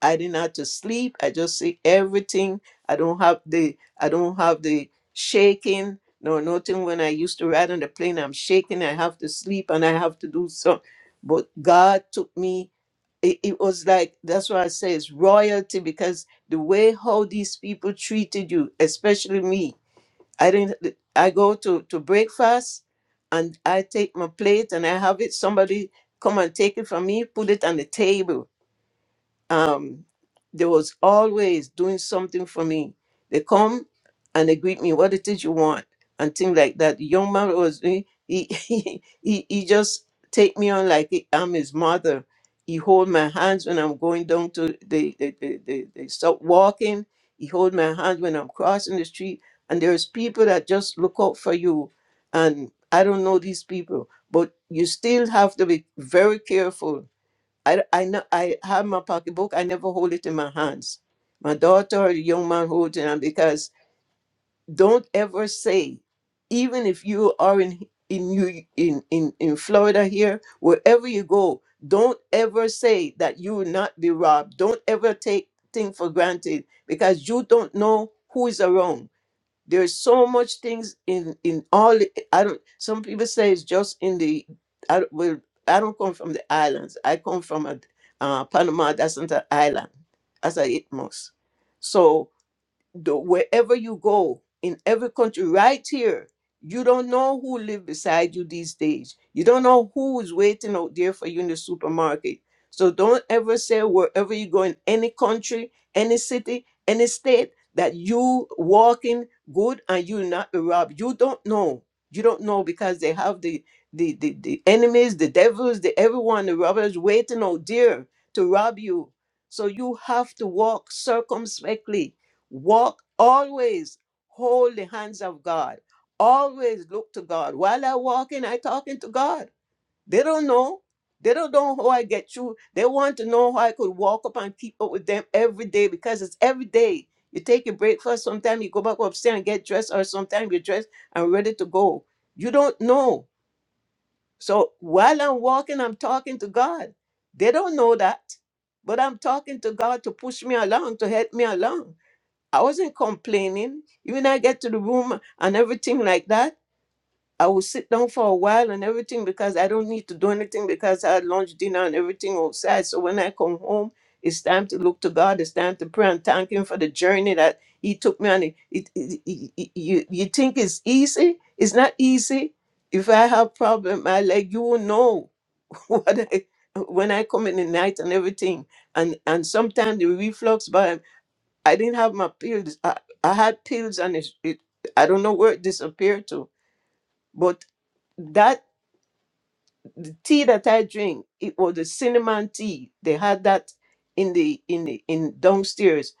I didn't have to sleep. I just see everything. I don't have the I don't have the shaking nor nothing when I used to ride on the plane. I'm shaking. I have to sleep and I have to do something. But God took me it, it was like that's why I say it's royalty because the way how these people treated you, especially me, I didn't. I go to to breakfast, and I take my plate and I have it. Somebody come and take it from me, put it on the table um, they was always doing something for me. They come and they greet me, what it is you want, and things like that. The young man was he he he, he, he just take me on like I'm his mother. He hold my hands when I'm going down to the the the, the, the stop walking. He hold my hands when I'm crossing the street. And there's people that just look out for you. And I don't know these people, but you still have to be very careful I, I know I have my pocketbook. I never hold it in my hands. My daughter or the young man holds it, and because don't ever say, even if you are in in you in, in in Florida here, wherever you go, don't ever say that you will not be robbed. Don't ever take thing for granted because you don't know who is around there's so much things in in all the- i don't some people say it's just in the i don't, well, I don't come from the islands i come from a uh, panama that's not an island that's a itmos so the, wherever you go in every country right here you don't know who live beside you these days you don't know who is waiting out there for you in the supermarket so don't ever say wherever you go in any country any city any state that you walking good and you not be robbed you don't know you don't know because they have the the the, the enemies the devils the everyone the robbers waiting out there to rob you so you have to walk circumspectly Walk always, hold the hands of God. Always look to God. While I walking, I talking to God. They don't know. They don't know how I get through. They want to know how I could walk up and keep up with them every day because it's every day. You take a breakfast. sometimes you go back upstairs and get dressed, or sometimes you're dressed and ready to go. You don't know. So while I'm walking, I'm talking to God. They don't know that, but I'm talking to God to push me along, to help me along. I wasn't complaining. Even I get to the room and everything like that, I will sit down for a while and everything because I don't need to do anything because I had lunch, dinner, and everything outside. So when I come home, it's time to look to God. It's time to pray and thank Him for the journey that He took me on. It, it, it, it- it- you, you think it's easy? It's not easy. If I have problem, I like you will know what I when I come in the night and everything. And and sometimes the reflux, I didn't have my pills. I, I had pills and it, it, I don't know where it disappeared to. But that the tea that I drink, it was the cinnamon tea. They had that in the in the in downstairs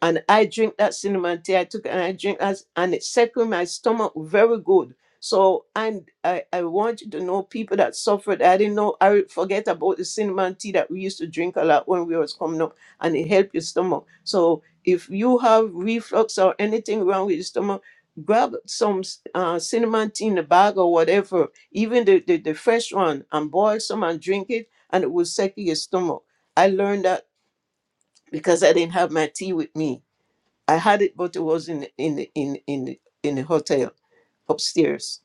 and I drink that cinnamon tea. I took it and I drink that, and it settled my stomach very good. So and I, I want you to know people that suffered. I didn't know. I forget about the cinnamon tea that we used to drink a lot when we was coming up, and it helped your stomach. So if you have reflux or anything wrong with your stomach, grab some uh, cinnamon tea in a bag or whatever, even the, the the fresh one, and boil some and drink it, and it will settle your stomach. I learned that because I didn't have my tea with me. I had it, but it was in in in in in the hotel upstairs.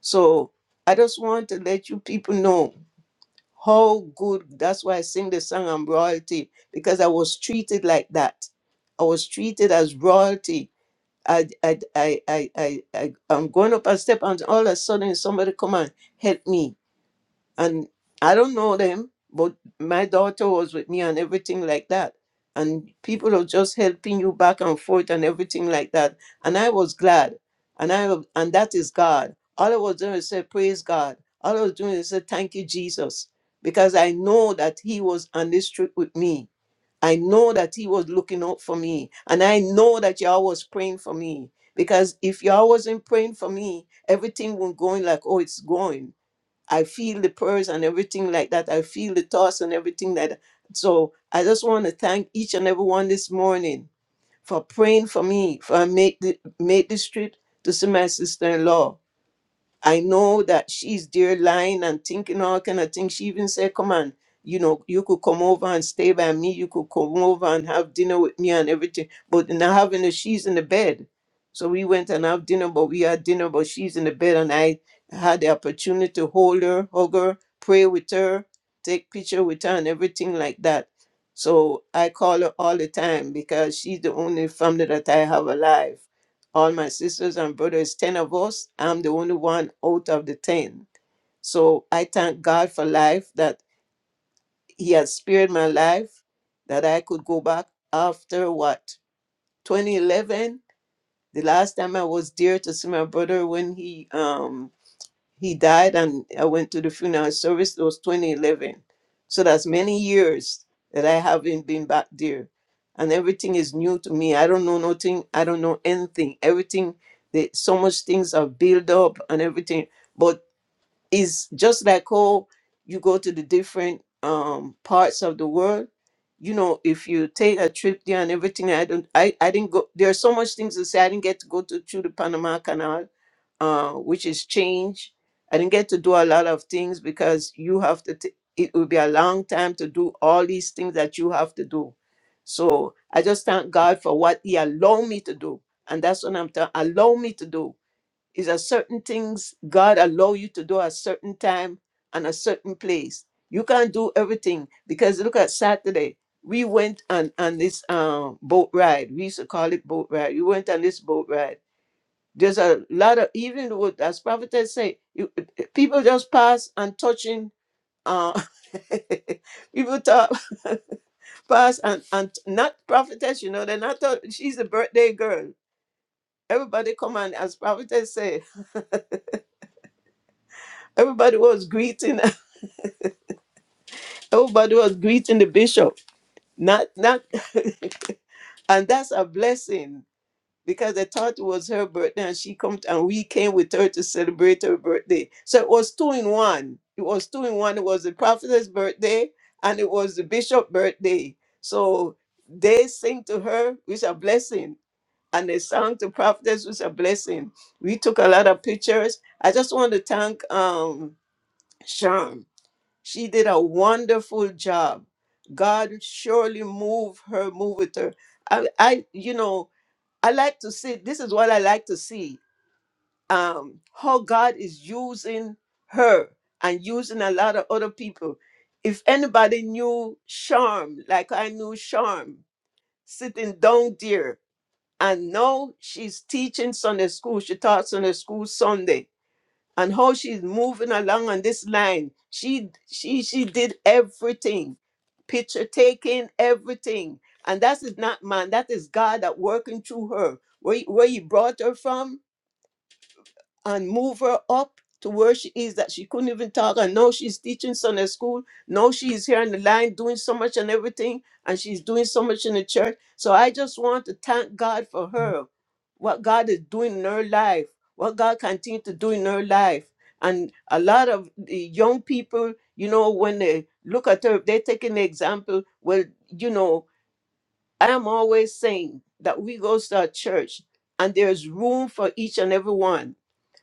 So I just want to let you people know how good. That's why I sing the song "I'm royalty" because I was treated like that. I was treated as royalty. I I I I I, I I'm going up a step, and all of a sudden somebody come and help me and I don't know them, but my daughter was with me and everything like that. And people are just helping you back and forth and everything like that. And I was glad. And I wa- and that is God. All I was doing is say, praise God. All I was doing is say, thank you, Jesus. Because I know that He was on this trip with me. I know that He was looking out for me. And I know that y'all was praying for me. Because if y'all wasn't praying for me, everything won't going like, oh, it's going I feel the prayers and everything like that. I feel the thoughts and everything like that. So I just want to thank each and every one this morning for praying for me, for I made the, made this trip to see my sister-in-law. I know that she's there lying and thinking all kind of things. She even said, Come on, you know, you could come over and stay by me, you could come over and have dinner with me and everything. But now having her, she's in the bed. So we went and have dinner, but we had dinner, but she's in the bed, and I had the opportunity to hold her, hug her, pray with her, take picture with her and everything like that. So I call her all the time because she's the only family that I have alive all my sisters and brothers, 10 of us. I'm the only one out of the 10. So I thank God for life that He has spared my life, that I could go back after what, 2011? The last time I was there to see my brother when he um he died and i went to the funeral service it was 2011 so that's many years that i haven't been back there and everything is new to me i don't know nothing i don't know anything everything the, so much things are built up and everything but it's just like how you go to the different um, parts of the world you know if you take a trip there and everything i don't i, I didn't go there are so much things to say i didn't get to go to through the panama canal uh, which is change. I didn't get to do a lot of things because you have to, t- it will be a long time to do all these things that you have to do. So I just thank God for what He allowed me to do. And that's what I'm telling, allow me to do. Is a certain things God allow you to do at a certain time and a certain place. You can't do everything because look at Saturday. We went on, on this um, boat ride. We used to call it boat ride. We went on this boat ride there's a lot of even what as prophetess say, you, people just pass and touching. Uh, people talk, pass and and not prophetess. You know, they're not. tho- she's a birthday girl. Everybody come and as prophetess say, everybody was greeting. Everybody was greeting the bishop. Not not, and that's a blessing because I thought it was her birthday and she come and we came with her to celebrate her birthday. So it was two in one. It was two in one. It was the prophetess birthday and it was the bishop birthday. So they sing to her with a blessing and they sang to prophetess with a blessing. We took a lot of pictures. I just want to thank um Sean. She did a wonderful job. God surely moved her, moved with her. I, I you know, I like to see this is what I like to see um, how God is using her and using a lot of other people. If anybody knew Charm, like I knew Charm, sitting down there, and now she's teaching Sunday school. She taught Sunday school Sunday and how she's moving along on this line. She she she did everything, picture taking, everything. And that is not man, that is God that working through her. Where, where he brought her from, and move her up to where she is that she couldn't even talk. And now she's teaching Sunday school. Now she's here on the line doing so much and everything. And she's doing so much in the church. So I just want to thank God for her, what God is doing in her life, what God continues to do in her life. And a lot of the young people, you know, when they look at her, they're taking the example. Well, you know, I am always saying that we go to a church and there's room for each and every one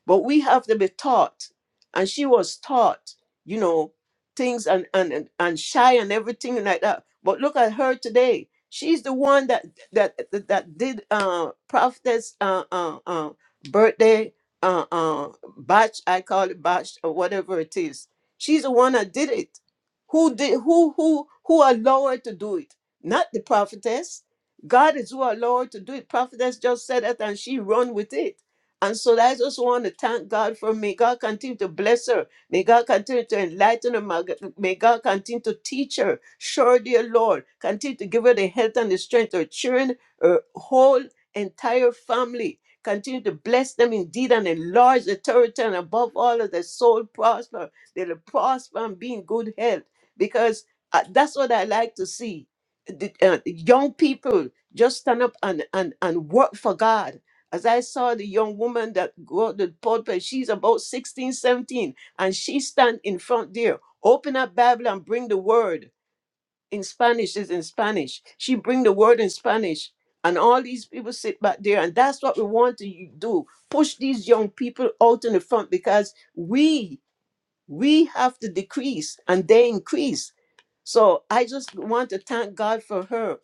but we have to be taught, and she was taught, you know, things and and and and shy and everything like that. But look at her today. She's the one that that that, that did uh prophetess uh uh, uh birthday uh uh batch I call it batch or whatever it is. She's the one that did it. Who did who who who allowed her to do it? Not the prophetess. God is who allowed her to do it. Prophetess just said it and she run with it and so I just want to thank God for may God continue to bless her. May God continue to enlighten her. Mag- May God continue to teach her. Sure, dear Lord, continue to give her the health and the strength, her children, her whole entire family. Continue to bless them indeed and enlarge the territory and above all of their soul prosper. They'll prosper and be in good health because uh, that's what I like to see. The, uh, young people just stand up and, and, and work for God as I saw the young woman that go to the pulpit, she's about 16, 17, and she stand in front there, open up Bible and bring the word in Spanish. Is in Spanish. She bring the word in Spanish, and all these people sit back there, and that's what we want to do: push these young people out in the front because we we have to decrease and they increase. So I just want to thank God for her.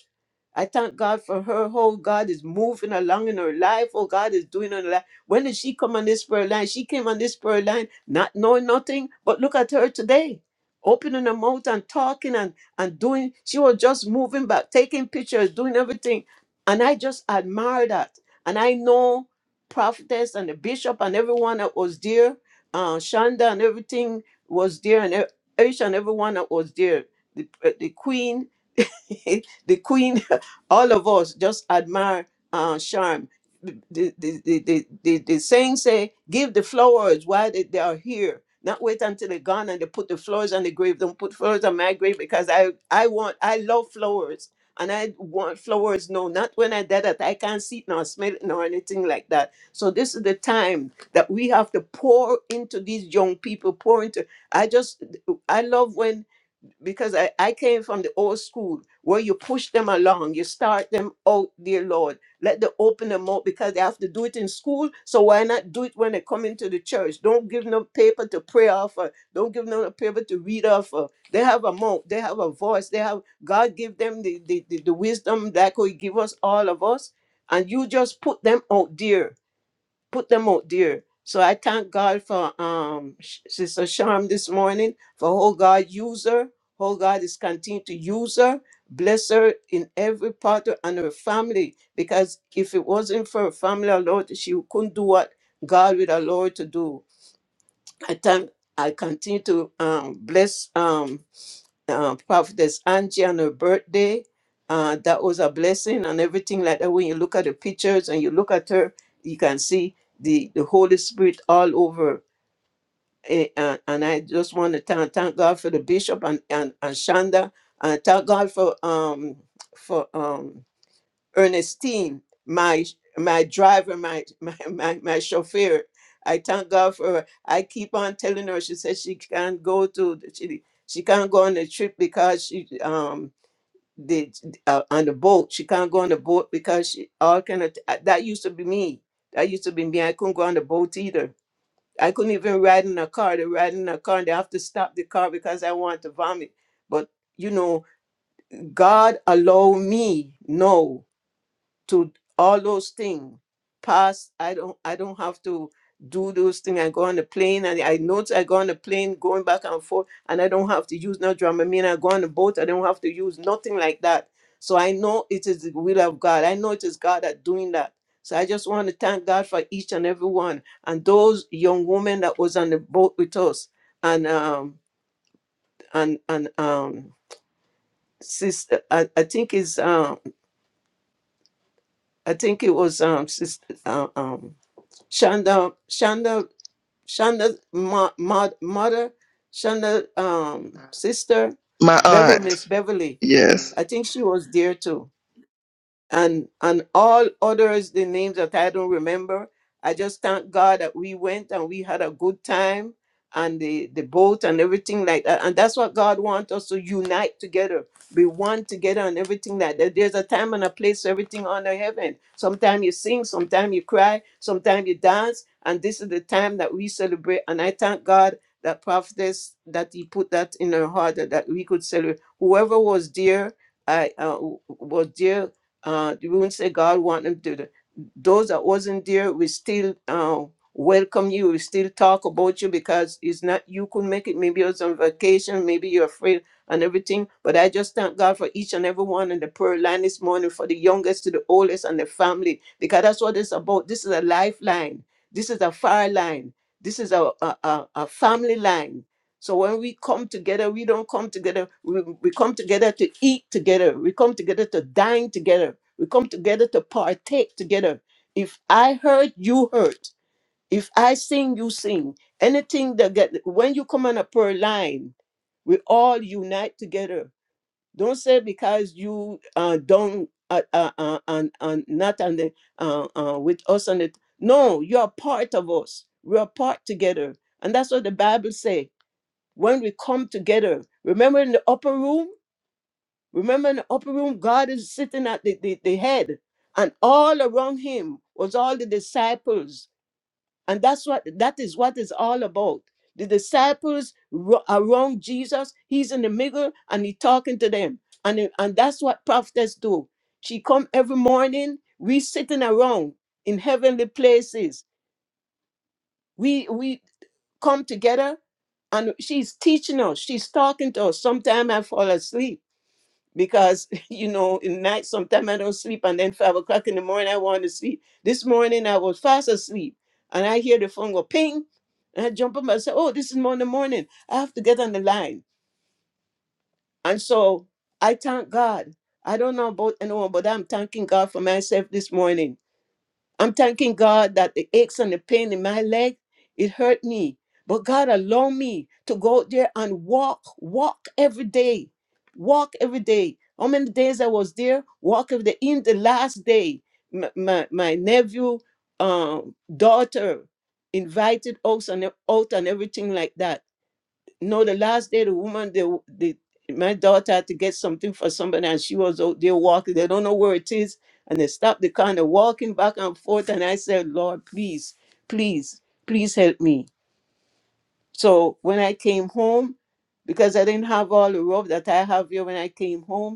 I thank God for her. Oh, God is moving along in her life. Oh, God is doing in her life. When did she come on this prayer line? She came on this prayer line not knowing nothing, but look at her today. Opening her mouth and talking and, and doing, she was just moving back, taking pictures, doing everything. And I just admire that. And I know prophetess and the bishop and everyone that was there uh, Shonda and everything was there, and e- each and everyone that was there. The, uh, the queen the queen, all of us just admire uh, Charm. The, the, the, the, the, the the saying say, give the flowers while they, they are here. Not wait until they're gone and they put the flowers on the grave. Don't put flowers on my grave because I, I want, I love flowers. And I want flowers. No, not when I did that. I can't see it nor smell it nor anything like that. So this is the time that we have to pour into these young people, pour into. I just, I love when because I, I came from the old school where you push them along, you start them out, dear Lord. Let them open them up because they have to do it in school. So why not do it when they come into the church? Don't give them paper to pray off of. Don't give them a paper to read off of. They have a mouth, they have a voice, they have God give them the, the, the, the wisdom that could give us all of us. And you just put them out there put them out there. So I thank God for um Sh- Sister Sharm this morning for how God use her, how God is continuing to use her, bless her in every part of, and her family. Because if it wasn't for her family, our Lord, she couldn't do what God with our Lord to do. I thank I continue to um bless um uh, Prophetess Angie on her birthday. Uh, that was a blessing and everything like that. When you look at the pictures and you look at her, you can see the, the Holy Spirit all over. Eh, And, and I just want to thank, thank God for the bishop and, and, and Shonda. And thank God for um for um Ernestine, my my driver, my my my, my chauffeur. I thank God for her. I keep on telling her. She says she can't go to the- she she can't go on the trip because she um the uh, on the boat she can't go on the boat because she all kind of uh, that used to be me. That used to be me. I couldn't go on the boat either. I couldn't even ride in a car. They ride in a car and they have to stop the car because I want to vomit. But you know, God allow me. No to all those things. Past, I don't I don't have to do those things. I go on the plane and I notice I go on the plane going back and forth and I don't have to use no dramamine. I go on the boat, I don't have to use nothing like that. So I know it is the will of God. I know it is God that doing that. So I just want to thank God for each and every one and those young women that was on the boat with us and um and and um sister I, I think is um I think it was um sister um. Shonda, Shonda, Shonda's mo- mo- mother, Shonda um, sister, My Beverly, aunt. Miss Beverly. Yes. I think she was there too and and all others the names that i don't remember i just thank god that we went and we had a good time and the the boat and everything like that and that's what god wants us to unite together be one together and everything like that there's a time and a place for everything under heaven sometimes you sing sometimes you cry sometimes you dance and this is the time that we celebrate and i thank god that prophetess that he put that in her heart that, that we could celebrate whoever was there i uh, was there uh, we won't say God want them to. do- Those that wasn't there, we still uh, welcome you. We still talk about you because it's not you could make it. Maybe you're on vacation. Maybe you're afraid and everything. But I just thank God for each and every one in the prayer line this morning, for the youngest to the oldest and the family, because that's what it's about. This is a lifeline. This is a fire line. This is a, a, a, a family line. So when we come together, we don't come together. We, we come together to eat together. We come together to dine together we come together to partake together. If I hurt, you hurt. If I sing, you sing. Anything that get when you come on a prayer line, we all unite together. Don't say because you uh, don't uh, uh, uh, and and not on the uh, uh, with us on it. No, you are part of us. We are part together, and that's what the Bible say. When we come together, remember in the upper room Remember in the upper room, God is sitting at the, the, the head, and all around him was all the disciples. And that's what that is what it's all about. The disciples ro- around Jesus, he's in the middle and he talking to them. And, it- and that's what prophets do. She come every morning, we sitting around in heavenly places. We we come together and she's teaching us, she's talking to us. Sometimes I fall asleep because you know in night sometimes i don't sleep and then five o'clock in the morning i want to sleep this morning i was fast asleep and i hear the phone go ping and i jump up and say oh this is morning morning i have to get on the line and so i thank god i don't know about anyone but i'm thanking god for myself this morning I'm thanking God that the aches and the pain in my leg, it hurt me. But God allowed me to go out there and walk, walk every day, walk every day. How many days I was there? Walk every day. In the last day, my, my, my nephew, um, daughter invited us and out and everything like that. No, the last day the woman, the, the my daughter had to get something for somebody, and she was out there walking. They don't know where it is, and they stopped the car and they're walking back and forth. And I said, Lord, please, please, please help me. So when I came home, because I didn't have all the rope that I have here when I came home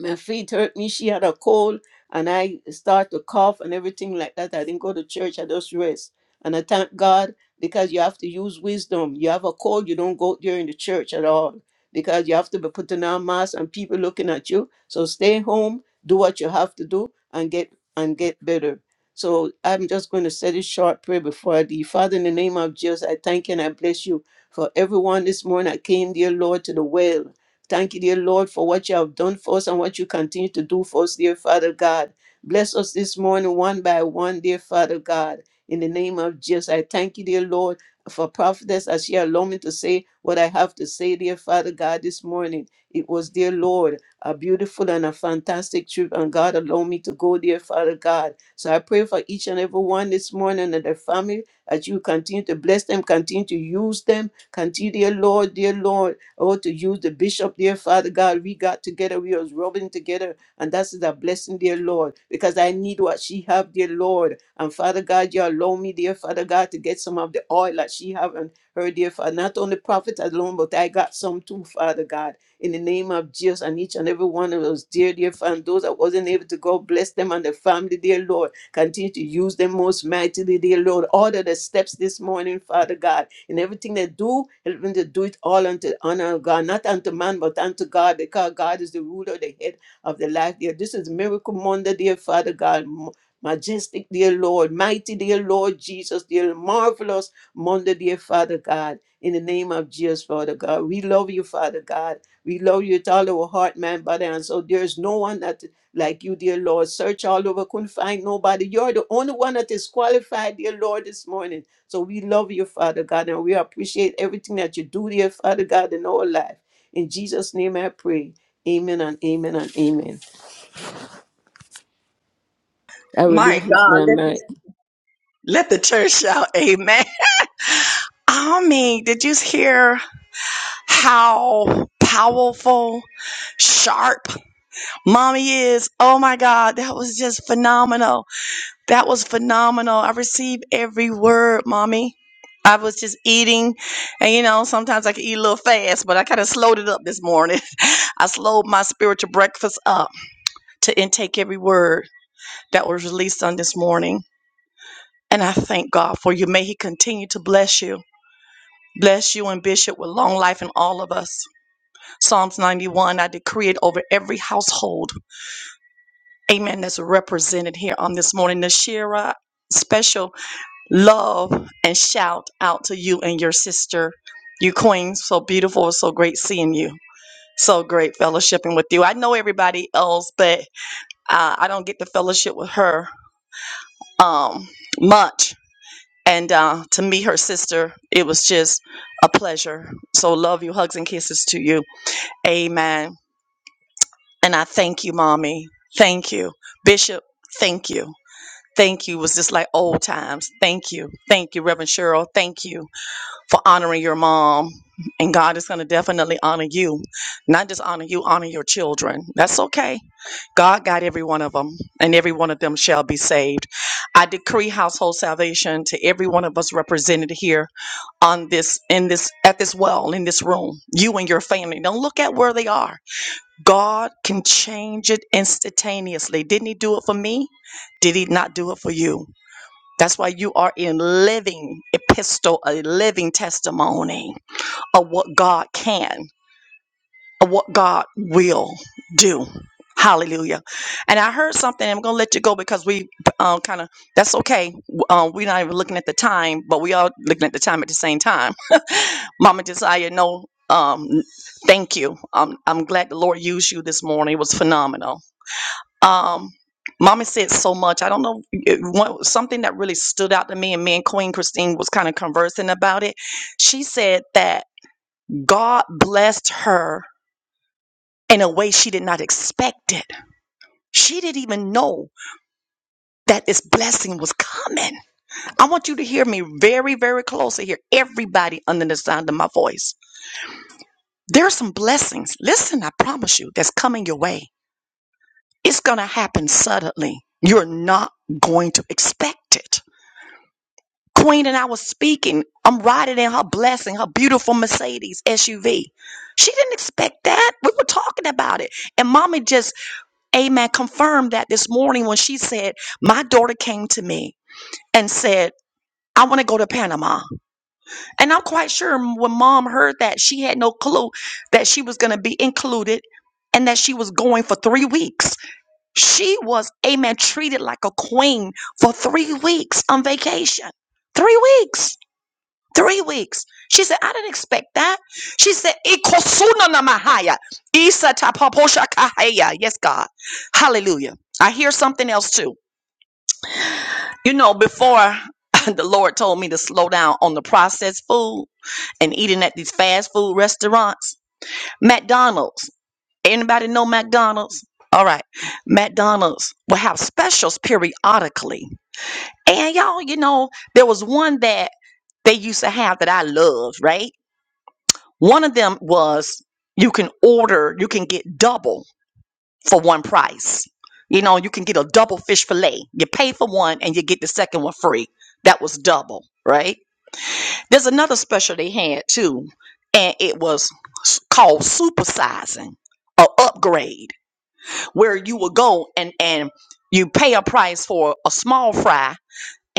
my feet hurt me. She had a cold, and I start to cough and everything like that. I didn't go to church. I just rest, and I thank God because you have to use wisdom. You have a cold, you don't go during the church at all because you have to be putting on masks and people looking at you. So stay home, do what you have to do, and get and get better. So I'm just going to say this short prayer before I leave. Father, in the name of Jesus, I thank you and I bless you for everyone this morning. I came, dear Lord, to the well. Thank you, dear Lord, for what you have done for us and what you continue to do for us, dear Father God. Bless us this morning, one by one, dear Father God. In the name of Jesus, I thank you, dear Lord, for prophetess as she allowed me to say what I have to say, dear Father God, this morning. It was, dear Lord, a beautiful and a fantastic trip, and God allowed me to go, dear Father God. So I pray for each and every one this morning and their family that you continue to bless them, continue to use them, continue, dear Lord, dear Lord Oh, to use the bishop there, Father God, we got together, we was rubbing together, and that's a blessing, dear Lord, because I need what she have, dear Lord. And Father God, you allow me, dear Father God, to get some of the oil that she have and her, dear Father. Not only prophet alone, but I got some too, Father God. In the name of Jesus, and each and every one of those dear, dear Father, and those that wasn't able to go, bless them and their family, dear Lord. Continue to use them most mightily, dear Lord. Order the steps this morning, Father God in everything they do, help them to do it all unto the honor of God, not unto man, but unto God, because God is the ruler, the head of the life. Dear, this is miracle Monday, dear Father God. m- Majestic, dear Lord, mighty, dear Lord Jesus, dear marvelous Monday, dear Father God. In the name of Jesus, Father God, we love you, Father God. We love you with all our heart, mind, body, and soul. There is no one that like you, dear Lord. Search all over, couldn't find nobody. You're the only one that is qualified, dear Lord, this morning. So we love you, Father God, and we appreciate everything that you do dear Father God, in our life. In Jesus' name I pray. Amen and amen and amen. I My relinquish God, my let, mic. let the church shout amen. I mean, did you hear how powerful, sharp? Mommy is, oh my God, that was just phenomenal. That was phenomenal. I received every word, Mommy. I was just eating, and you know, sometimes I can eat a little fast, but I kind of slowed it up this morning. I slowed my spiritual breakfast up to intake every word that was released on this morning. And I thank God for you. May He continue to bless you. Bless you and Bishop with long life in all of us. Psalms 91, I decree it over every household amen, that's represented here on this morning. Nashira, special love and shout out to you and your sister, you queen. So beautiful, so great seeing you. So great fellowshipping with you. I know everybody else, but uh, I don't get to fellowship with her um, much. And uh, to meet her sister, it was just a pleasure. So love you. Hugs and kisses to you. Amen. And I thank you, mommy. Thank you. Bishop, thank you. Thank you was just like old times. Thank you. Thank you, Reverend Cheryl. Thank you for honoring your mom. And God is going to definitely honor you. Not just honor you, honor your children. That's okay. God got every one of them, and every one of them shall be saved. I decree household salvation to every one of us represented here on this in this at this well in this room you and your family don't look at where they are god can change it instantaneously didn't he do it for me did he not do it for you that's why you are in living epistle, a living testimony of what God can, of what God will do. Hallelujah. And I heard something. I'm going to let you go because we uh, kind of, that's okay. Uh, we're not even looking at the time, but we are looking at the time at the same time. Mama Josiah, no, um, thank you. Um, I'm glad the Lord used you this morning. It was phenomenal um mama said so much i don't know it, one, something that really stood out to me and me and queen christine was kind of conversing about it she said that god blessed her in a way she did not expect it she didn't even know that this blessing was coming i want you to hear me very very closely here everybody under the sound of my voice there are some blessings listen i promise you that's coming your way it's gonna happen suddenly you're not going to expect it Queen and I was speaking. I'm riding in her blessing, her beautiful Mercedes SUV. She didn't expect that. We were talking about it. And mommy just, amen, confirmed that this morning when she said, My daughter came to me and said, I want to go to Panama. And I'm quite sure when mom heard that, she had no clue that she was going to be included and that she was going for three weeks. She was, amen, treated like a queen for three weeks on vacation. Three weeks. Three weeks. She said, I didn't expect that. She said, Ikosuna na mahaya, Isa tapaposha kahaya. Yes, God. Hallelujah. I hear something else too. You know, before the Lord told me to slow down on the processed food and eating at these fast food restaurants, McDonald's. Anybody know McDonald's? All right. McDonald's will have specials periodically. And y'all, you know, there was one that they used to have that I loved, right? One of them was you can order, you can get double for one price. You know, you can get a double fish fillet. You pay for one and you get the second one free. That was double, right? There's another special they had too, and it was s- called supersizing or upgrade, where you would go and and you pay a price for a small fry.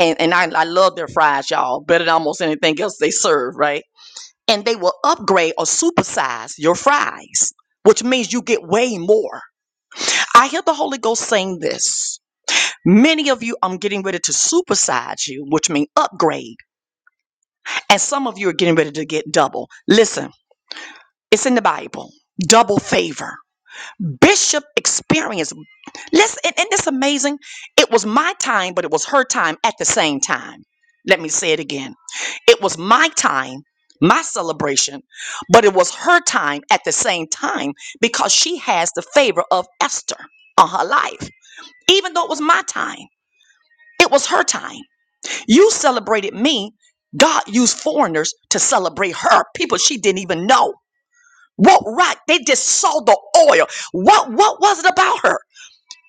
And, and I, I love their fries, y'all, better than almost anything else they serve, right? and they will upgrade or supersize your fries, which means you get way more. I hear the Holy Ghost saying this. Many of you, I'm getting ready to supersize you, which means upgrade. And some of you are getting ready to get double. Listen, it's in the Bible. Double favor. Bishop experienced Listen, and isn't amazing? It was my time, but it was her time at the same time. Let me say it again. It was my time, my celebration, but it was her time at the same time because she has the favor of Esther on her life. Even though it was my time, it was her time. You celebrated me. God used foreigners to celebrate her, people she didn't even know. What right? They just saw the oil. What what was it about her?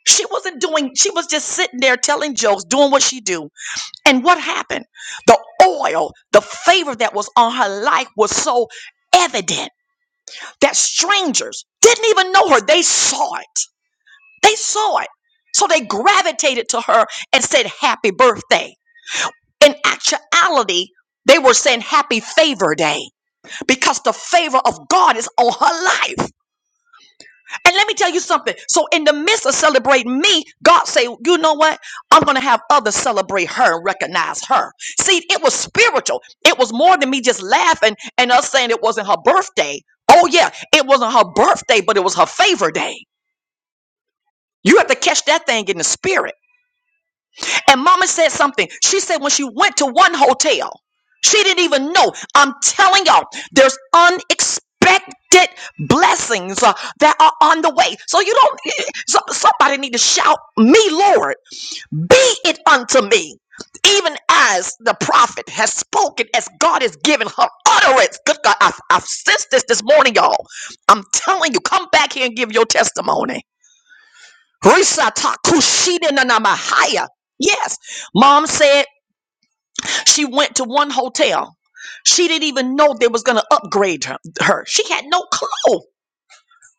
She wasn't doing, she was just sitting there telling jokes, doing what she do. And what happened? The oil, the favor that was on her life was so evident that strangers didn't even know her. They saw it. They saw it. So they gravitated to her and said, Happy birthday. In actuality, they were saying happy favor day because the favor of God is on her life. And let me tell you something. So in the midst of celebrating me, God say, you know what? I'm gonna have others celebrate her and recognize her. See, it was spiritual. It was more than me just laughing and us saying it wasn't her birthday. Oh yeah, it wasn't her birthday, but it was her favor day. You have to catch that thing in the spirit. And mama said something. She said when she went to one hotel, she didn't even know. I'm telling y'all, there's unexpected blessings uh, that are on the way. So you don't, eh, eh, so- somebody need to shout, Me, Lord, be it unto me. Even as the prophet has spoken, as God has given her utterance. Good God, I've, I've sensed this this morning, y'all. I'm telling you, come back here and give your testimony. Risata kushida na namahaya. Yes, mom said she went to one hotel. She didn't even know they was gonna upgrade her. her. She had no clue.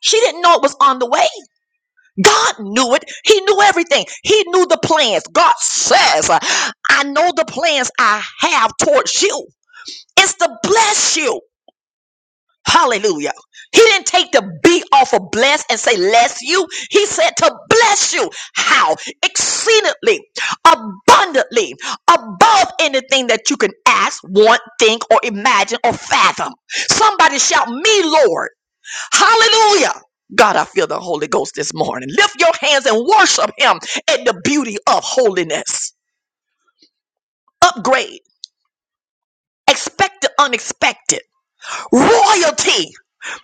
She didn't know it was on the way. God knew it. He knew everything. He knew the plans. God says, I know the plans I have towards you. It's to bless you. Hallelujah. He didn't take the B off of bless and say, less you. He said to bless you. How? Exceedingly, abundantly, above anything that you can ask, want, think, or imagine, or fathom. Somebody shout, Me, Lord. Hallelujah. God, I feel the Holy Ghost this morning. Lift your hands and worship Him in the beauty of holiness. Upgrade. Expect the unexpected. Royalty.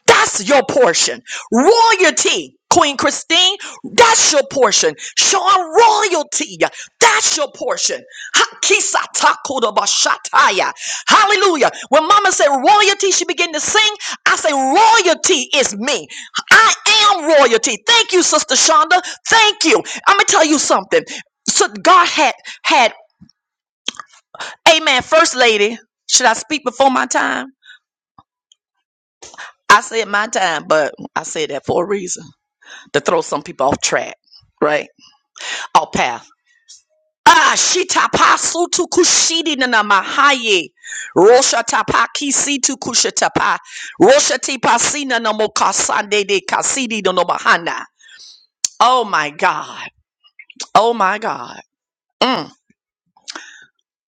That's your portion. Royalty, Queen Christine, that's your portion. Sean, royalty, that's your portion. Hakisa Hallelujah. When mama said royalty, she began to sing. I say, royalty is me. I am royalty. Thank you, Sister Shonda. Thank you. I'm going to tell you something. So God had, had, amen, First Lady. Should I speak before my time? I said my time, but I said that for a reason. to throw some people off track, right? Off path. Ah, shita pasu tu kushidi na mahaye. Rosha tapa kisi tu kushatapa. Rosha tipasina na mokasande de kasidi no mahana. Oh my God. Oh my God. Mm.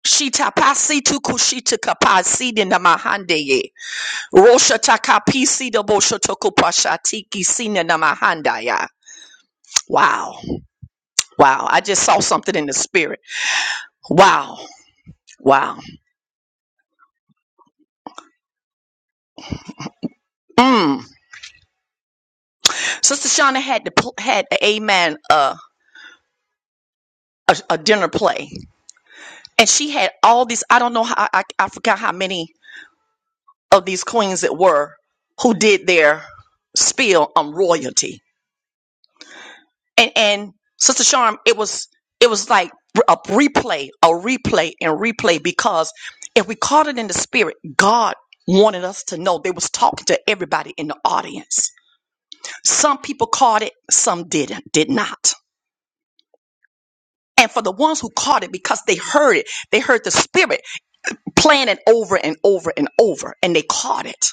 Shita pasi tu kushita kapasi de na mahande ye. Rosha takapisi de bosha toko pashati kisina na mahanda ya. Wow. Wow. I just saw something in the spirit. Wow. Wow. Mm. Sister Shauna had to pl- had a amen uh, a, a dinner play, and she had all these. I don't know how I, I forgot how many of these queens it were who did their spiel on royalty, and and Sister Charm, it was it was like a replay, a replay, and replay because if we caught it in the spirit, God wanted us to know they was talking to everybody in the audience. Some people caught it, some didn't, did not And for the ones who caught it because they heard it, they heard the spirit playing it over and over and over, and they caught it.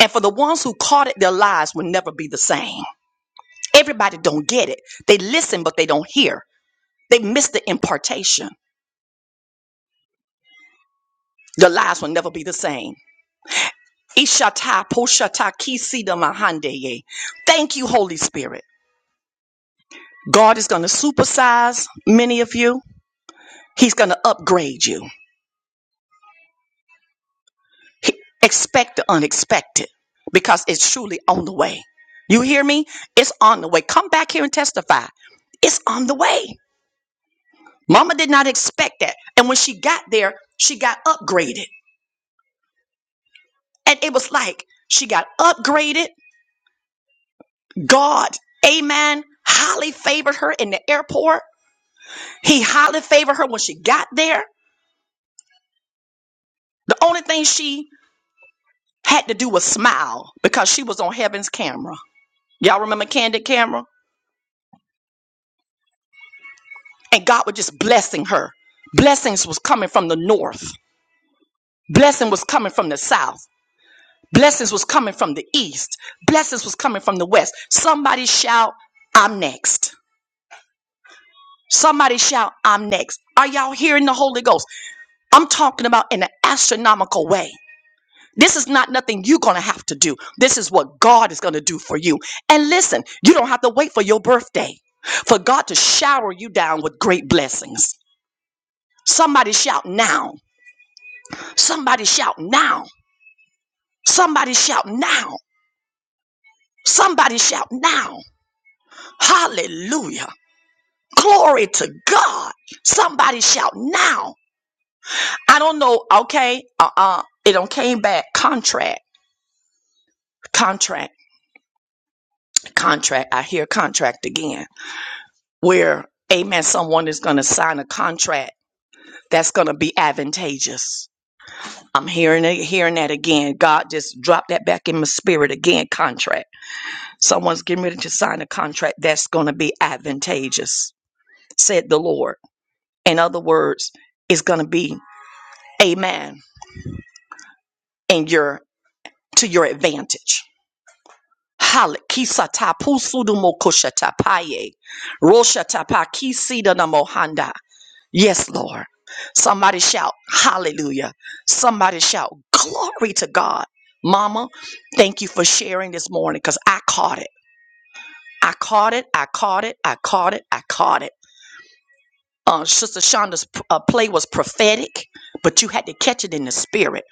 And for the ones who caught it, their lives will never be the same. Everybody don't get it. They listen, but they don't hear. They miss the impartation. Their lives will never be the same. Ishata poshata kisida mahandeye. Thank you, Holy Spirit. God is going to supersize many of you. He's going to upgrade you. He- Expect the unexpected because it's truly on the way. You hear me? It's on the way. Come back here and testify. It's on the way. Mama did not expect that. And when she got there, she got upgraded. And it was like she got upgraded. God, amen, highly favored her in the airport. He highly favored her when she got there. The only thing she had to do was smile because she was on heaven's camera. Y'all remember Candid Camera? and God was just blessing her. Blessings was coming from the north. Blessing was coming from the south. Blessings was coming from the east. Blessings was coming from the west. Somebody shout, I'm next. Somebody shout, I'm next. Are y'all hearing the Holy Ghost? I'm talking about in an astronomical way. This is not nothing you're going to have to do. This is what God is going to do for you. And listen, you don't have to wait for your birthday for God to shower you down with great blessings. Somebody shout now. Somebody shout now. Somebody shout now. Somebody shout now. Hallelujah. Glory to God. Somebody shout now. I don't know. Okay. Uh uh It don't came back. Contract. Contract. Contract. I hear contract again. Where, amen, someone is going to sign a contract that's going to be advantageous. I'm hearing it, hearing that again. God just dropped that back in my spirit again. Contract Someone's getting ready to sign a contract that's going to be advantageous, said the Lord. In other words, it's going to be amen and your to your advantage. Yes, Lord. Somebody shout hallelujah. Somebody shout glory to God. Mama, thank you for sharing this morning because I caught it. I caught it. I caught it. I caught it. I caught it. uh, Sister Shonda's uh, play was prophetic, but you had to catch it in the spirit.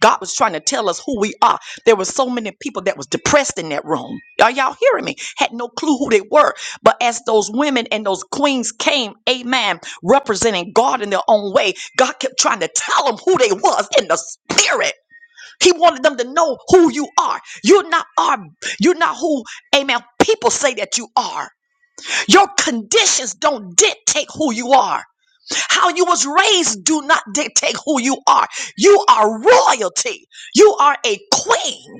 God was trying to tell us who we are. There were so many people that was depressed in that room. Are y'all hearing me? Had no clue who they were. But as those women and those queens came, amen, representing God in their own way, God kept trying to tell them who they was in the spirit. He wanted them to know who you are. You're not are you're not who, amen, people say that you are. Your conditions don't dictate who you are. How you was raised do not dictate who you are. You are royalty. You are a queen.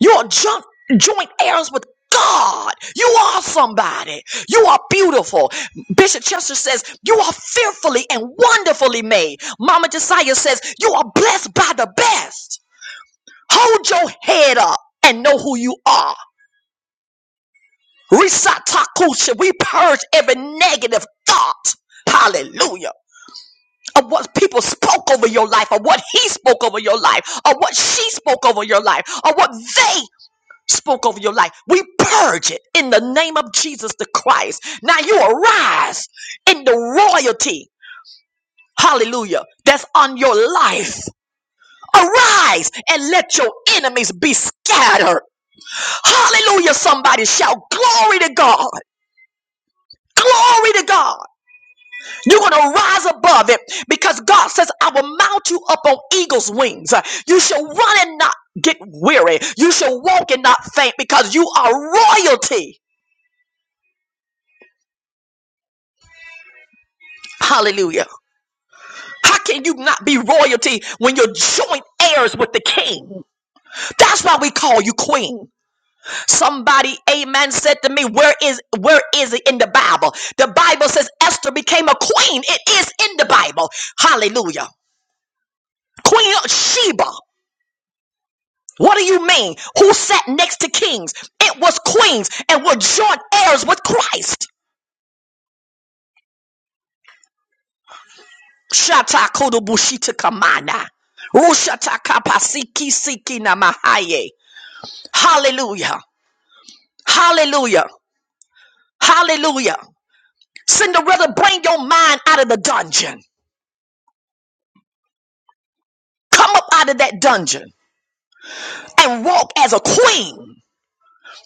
You're joint, joint heirs with God. You are somebody. You are beautiful. Bishop Chester says, You are fearfully and wonderfully made. Mama Josiah says, You are blessed by the best. Hold your head up and know who you are. Risatakusha, we purge every negative thought. Hallelujah. of what people spoke over your life, or what he spoke over your life, or what she spoke over your life, or what they spoke over your life. We purge it in the name of Jesus the Christ. Now you arise in the royalty. Hallelujah. That's on your life. Arise and let your enemies be scattered. Hallelujah. Somebody shout glory to God. Glory to God. You're going to rise above it because God says, I will mount you up on eagle's wings. You shall run and not get weary. You shall walk and not faint because you are royalty. Hallelujah. How can you not be royalty when you're joint heirs with the king? That's why we call you queen. Somebody, amen, said to me, Where is where is it in the Bible? The Bible says Esther became a queen. It is in the Bible. Hallelujah. Queen of Sheba. What do you mean? Who sat next to kings? It was queens and were joint heirs with Christ. Shata kodobushita kamana. Rushata kapasiki siki namahaye. Hallelujah. Hallelujah. Hallelujah. Cinderella, bring your mind out of the dungeon. Come up out of that dungeon and walk as a queen.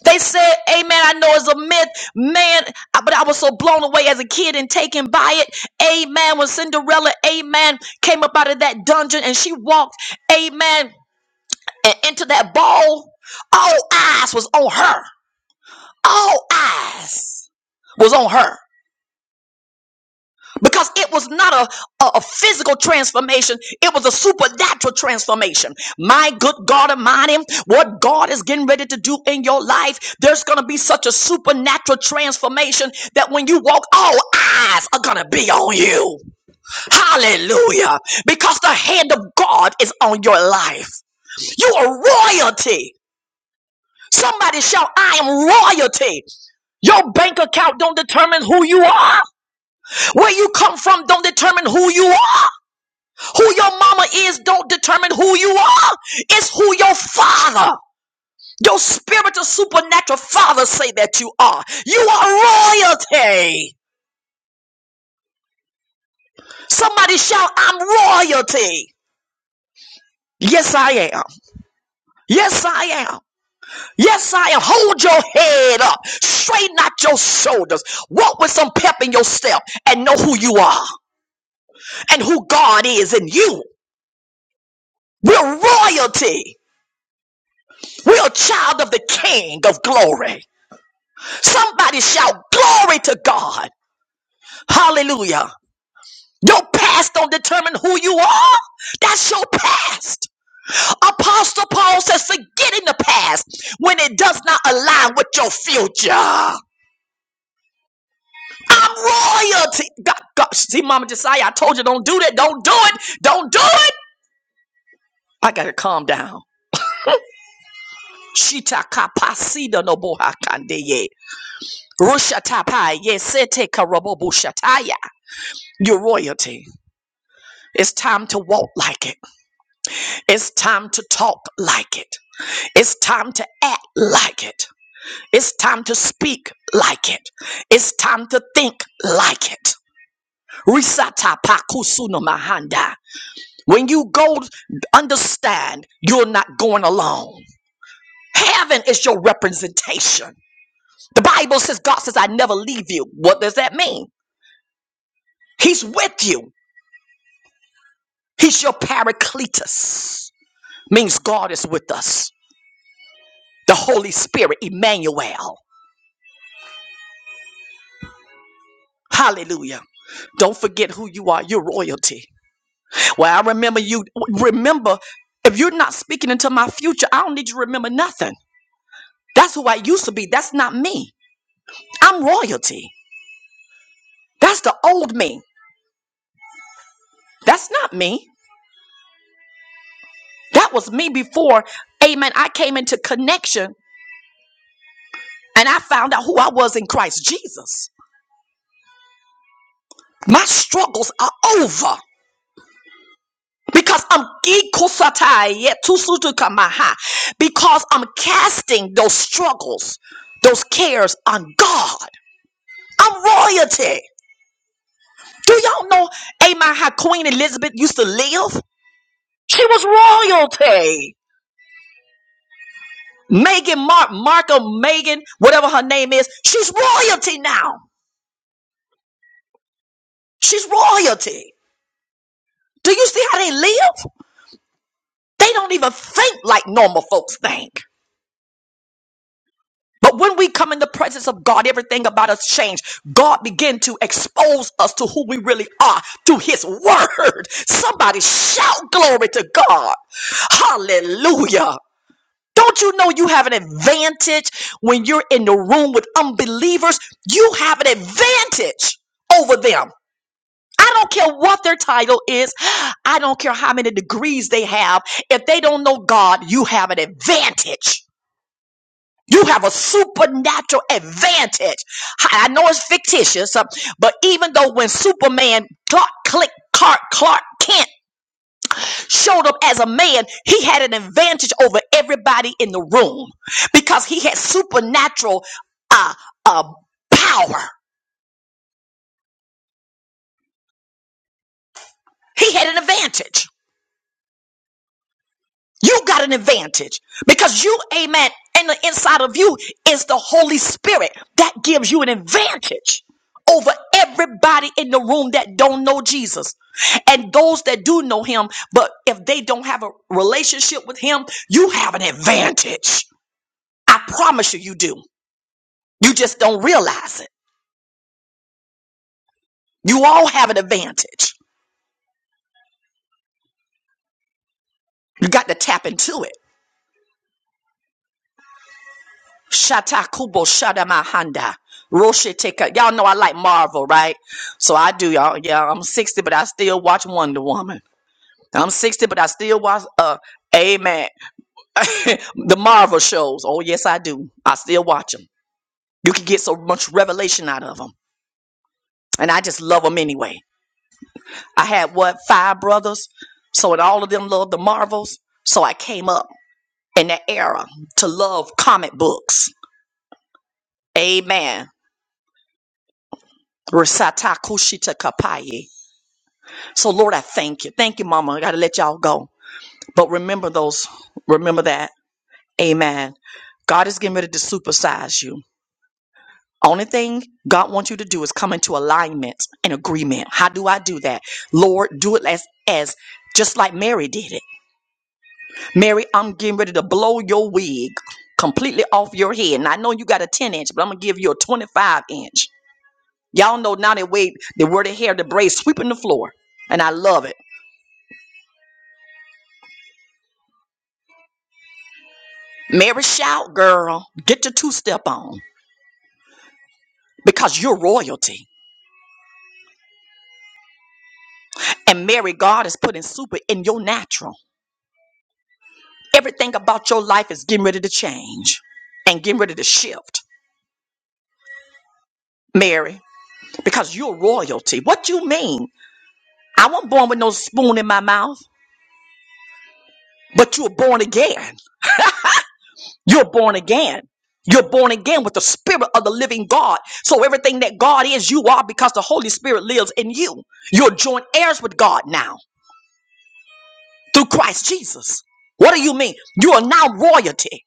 They said, Amen. I know it's a myth, man, I- but I was so blown away as a kid and taken by it. Amen. When Cinderella, Amen, came up out of that dungeon and she walked, Amen, and into that ball, all eyes was on her. All eyes was on her. because it was not a, a, a physical transformation, it was a supernatural transformation. My good God Almighty, what God is getting ready to do in your life, there's going to be such a supernatural transformation that when you walk, all eyes are going to be on you. Hallelujah. Because the hand of God is on your life. You are royalty. Somebody shout, I am royalty. Your bank account don't determine who you are. Where you come from don't determine who you are. Who your mama is don't determine who you are. It's who your father, your spiritual supernatural father say that you are. You are royalty. Somebody shout, I'm royalty. Yes, I am. Yes, I am. Yes, I am. Hold your head up. Straighten out your shoulders. Walk with some pep in your step and know who you are and who God is in you. We're royalty. We're a child of the King of glory. Somebody shout glory to God. Hallelujah. Your past don't determine who you are. That's your past. Apostle Paul says, forgetting the past when it does not align with your future. I'm royalty. God, God. See, Mama Josiah, I told you don't do that. Don't do it. Don't do it. I gotta calm down. Shita kapasida no bohakandeye. Rushatapaya, sete karabobu shataya. Your royalty. It's time to walk like it. It's time to talk like it. It's time to act like it. It's time to speak like it. It's time to think like it. Risata pakusuno mahanda. When you go, understand you're not going alone. Heaven is your representation. The Bible says, God says, I never leave you. What does that mean? He's with you. He's your paracletus. Means God is with us. The Holy Spirit, Emmanuel. Hallelujah. Don't forget who you are. You're royalty. Well, I remember you. Remember, if you're not speaking into my future, I don't need you to remember nothing. That's who I used to be. That's not me. I'm royalty. That's the old me. That's not me. That was me before, amen. I came into connection and I found out who I was in Christ Jesus. My struggles are over because I'm because I'm casting those struggles, those cares on God. I'm royalty. Do y'all know, amen, how Queen Elizabeth used to live? She was royalty. Megan Mark, Martha Megan, whatever her name is, she's royalty now. She's royalty. Do you see how they live? They don't even think like normal folks think. But when we come in the presence of God, everything about us change. God begin to expose us to who we really are through his word. Somebody shout glory to God. Hallelujah. Don't you know you have an advantage when you're in the room with unbelievers? You have an advantage over them. I don't care what their title is. I don't care how many degrees they have. If they don't know God, you have an advantage. You have a supernatural advantage. I I know it's fictitious, uh, but even though when Superman Clark Click Clark Clark Kent showed up as a man, he had an advantage over everybody in the room because he had supernatural uh, uh, power. He had an advantage. You got an advantage because you, amen, and the inside of you is the Holy Spirit that gives you an advantage over everybody in the room that don't know Jesus and those that do know him. But if they don't have a relationship with him, you have an advantage. I promise you, you do. You just don't realize it. You all have an advantage. You got to tap into it. Shata kubo shada mahanda. Roshe teka. Y'all know I like Marvel, right? So I do, y'all. Yeah, I'm 60, but I still watch Wonder Woman. I'm 60, but I still watch, uh, amen. the Marvel shows. Oh, yes, I do. I still watch them. You can get so much revelation out of them. And I just love them anyway. I had, what, five brothers? So, and all of them loved the Marvels. So I came up. in the era to love comic books. Amen. Resata kushita kapaye. So Lord, I thank you. Thank you, Mama. I gotta let y'all go. But remember those, remember that. Amen. God is getting ready to supersize you. Only thing God wants you to do is come into alignment and agreement. How do I do that? Lord, do it as as just like Mary did it. Mary, I'm getting ready to blow your wig completely off your head. And I know you got a 10 inch, but I'm gonna give you a 25 inch Y'all know now they wave they wear of hair, the braids sweeping the floor. And I love it. Mary shout, girl. Get your two step on because you're royalty. And Mary, God is putting super in your natural. Everything about your life is getting ready to change and getting ready to shift, Mary, because you're royalty. What you mean? I wasn't born with no spoon in my mouth, but you were born again. You're born again. You're born again with the spirit of the living God. So everything that God is, you are because the Holy Spirit lives in you. You're joint heirs with God now through Christ Jesus. What do you mean? You are now royalty.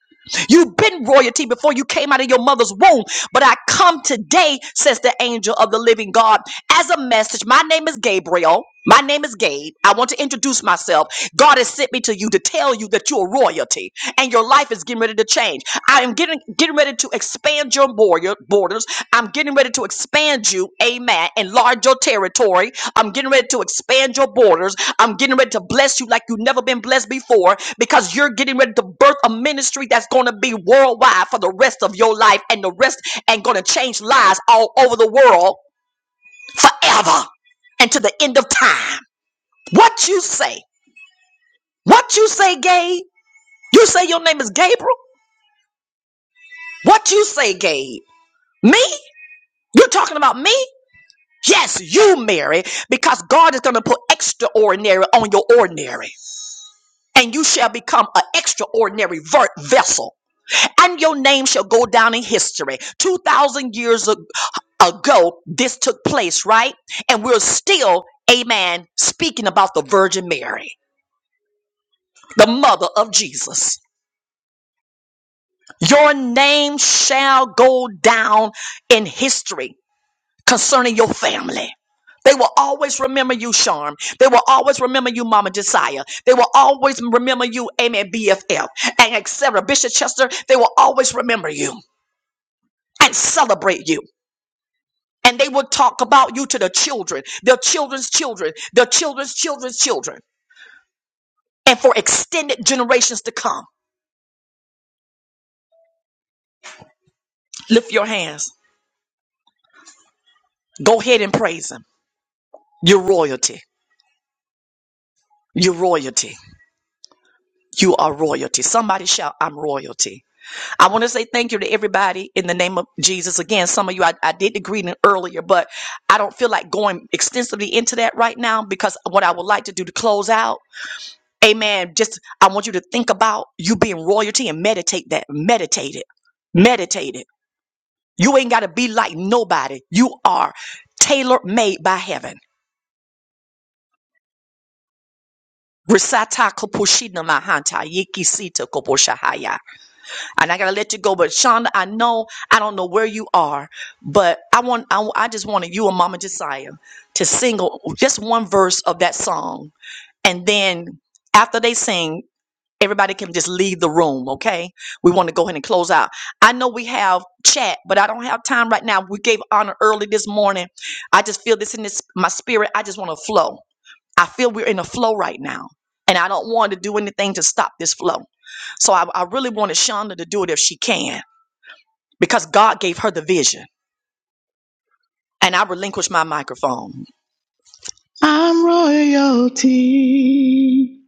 You've been royalty before you came out of your mother's womb. But I come today, says the angel of the living God, as a message. My name is Gabriel. My name is Gabe. I want to introduce myself. God has sent me to you to tell you that you're royalty and your life is getting ready to change. I am getting getting ready to expand your border, borders. I'm getting ready to expand you, amen, enlarge your territory. I'm getting ready to expand your borders I'm getting ready to bless you like you've never been blessed before because you're getting ready to birth a ministry that's going to be worldwide for the rest of your life and the rest and going to change lives all over the world forever and to the end of time. What you say? What you say, Gabe? You say your name is Gabriel? What you say, Gabe? Me? You're talking about me? Yes, you, Mary, because God is going to put extraordinary on your ordinary, and you shall become an extraordinary vert vessel and your name shall go down in history. 2,000 years ag- ago, this took place, right? And we're still, amen, speaking about the Virgin Mary, the mother of Jesus. Your name shall go down in history concerning your family. They will always remember you, Charm. They will always remember you, Mama Josiah. They will always remember you, Amen, BFF, and etc. Bishop Chester, they will always remember you and celebrate you. and they will talk about you to the children, their children's children, their children's children's children, and for extended generations to come. Lift your hands. Go ahead and praise Him. You're royalty. You're royalty. You are royalty. Somebody shout, I'm royalty. I want to say thank you to everybody in the name of Jesus. Again, some of you, I, I did the greeting earlier, but I don't feel like going extensively into that right now because what I would like to do to close out. Amen. Just I want you to think about you being royalty and meditate that. Meditate it. Meditate it. You ain't gotta be like nobody. You are tailor made by heaven. Risata koposhina mahanta yiki sita koposhahaya. And I gotta let you go, but Shonda, I know I don't know where you are, but I want I, I just wanted you and Mama Josiah to sing just one verse of that song, and then after they sing, Everybody can just leave the room, okay? We want to go ahead and close out. I know we have chat, but I don't have time right now. We gave honor early this morning. I just feel this in this my spirit. I just want to flow. I feel we're in a flow right now. And I don't want to do anything to stop this flow. So I, I really wanted Shonda to do it if she can, because God gave her the vision. And I relinquished my microphone. I'm royalty.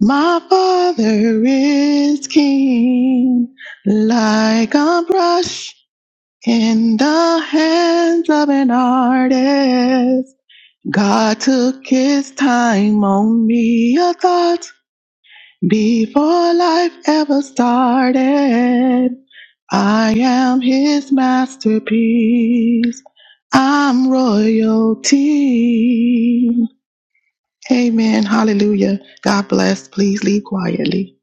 My father is king. Like a brush in the hands of an artist. God took his time on me. A thought Before life ever started, I am his masterpiece. I'm royalty. Amen. Hallelujah. God bless. Please leave quietly.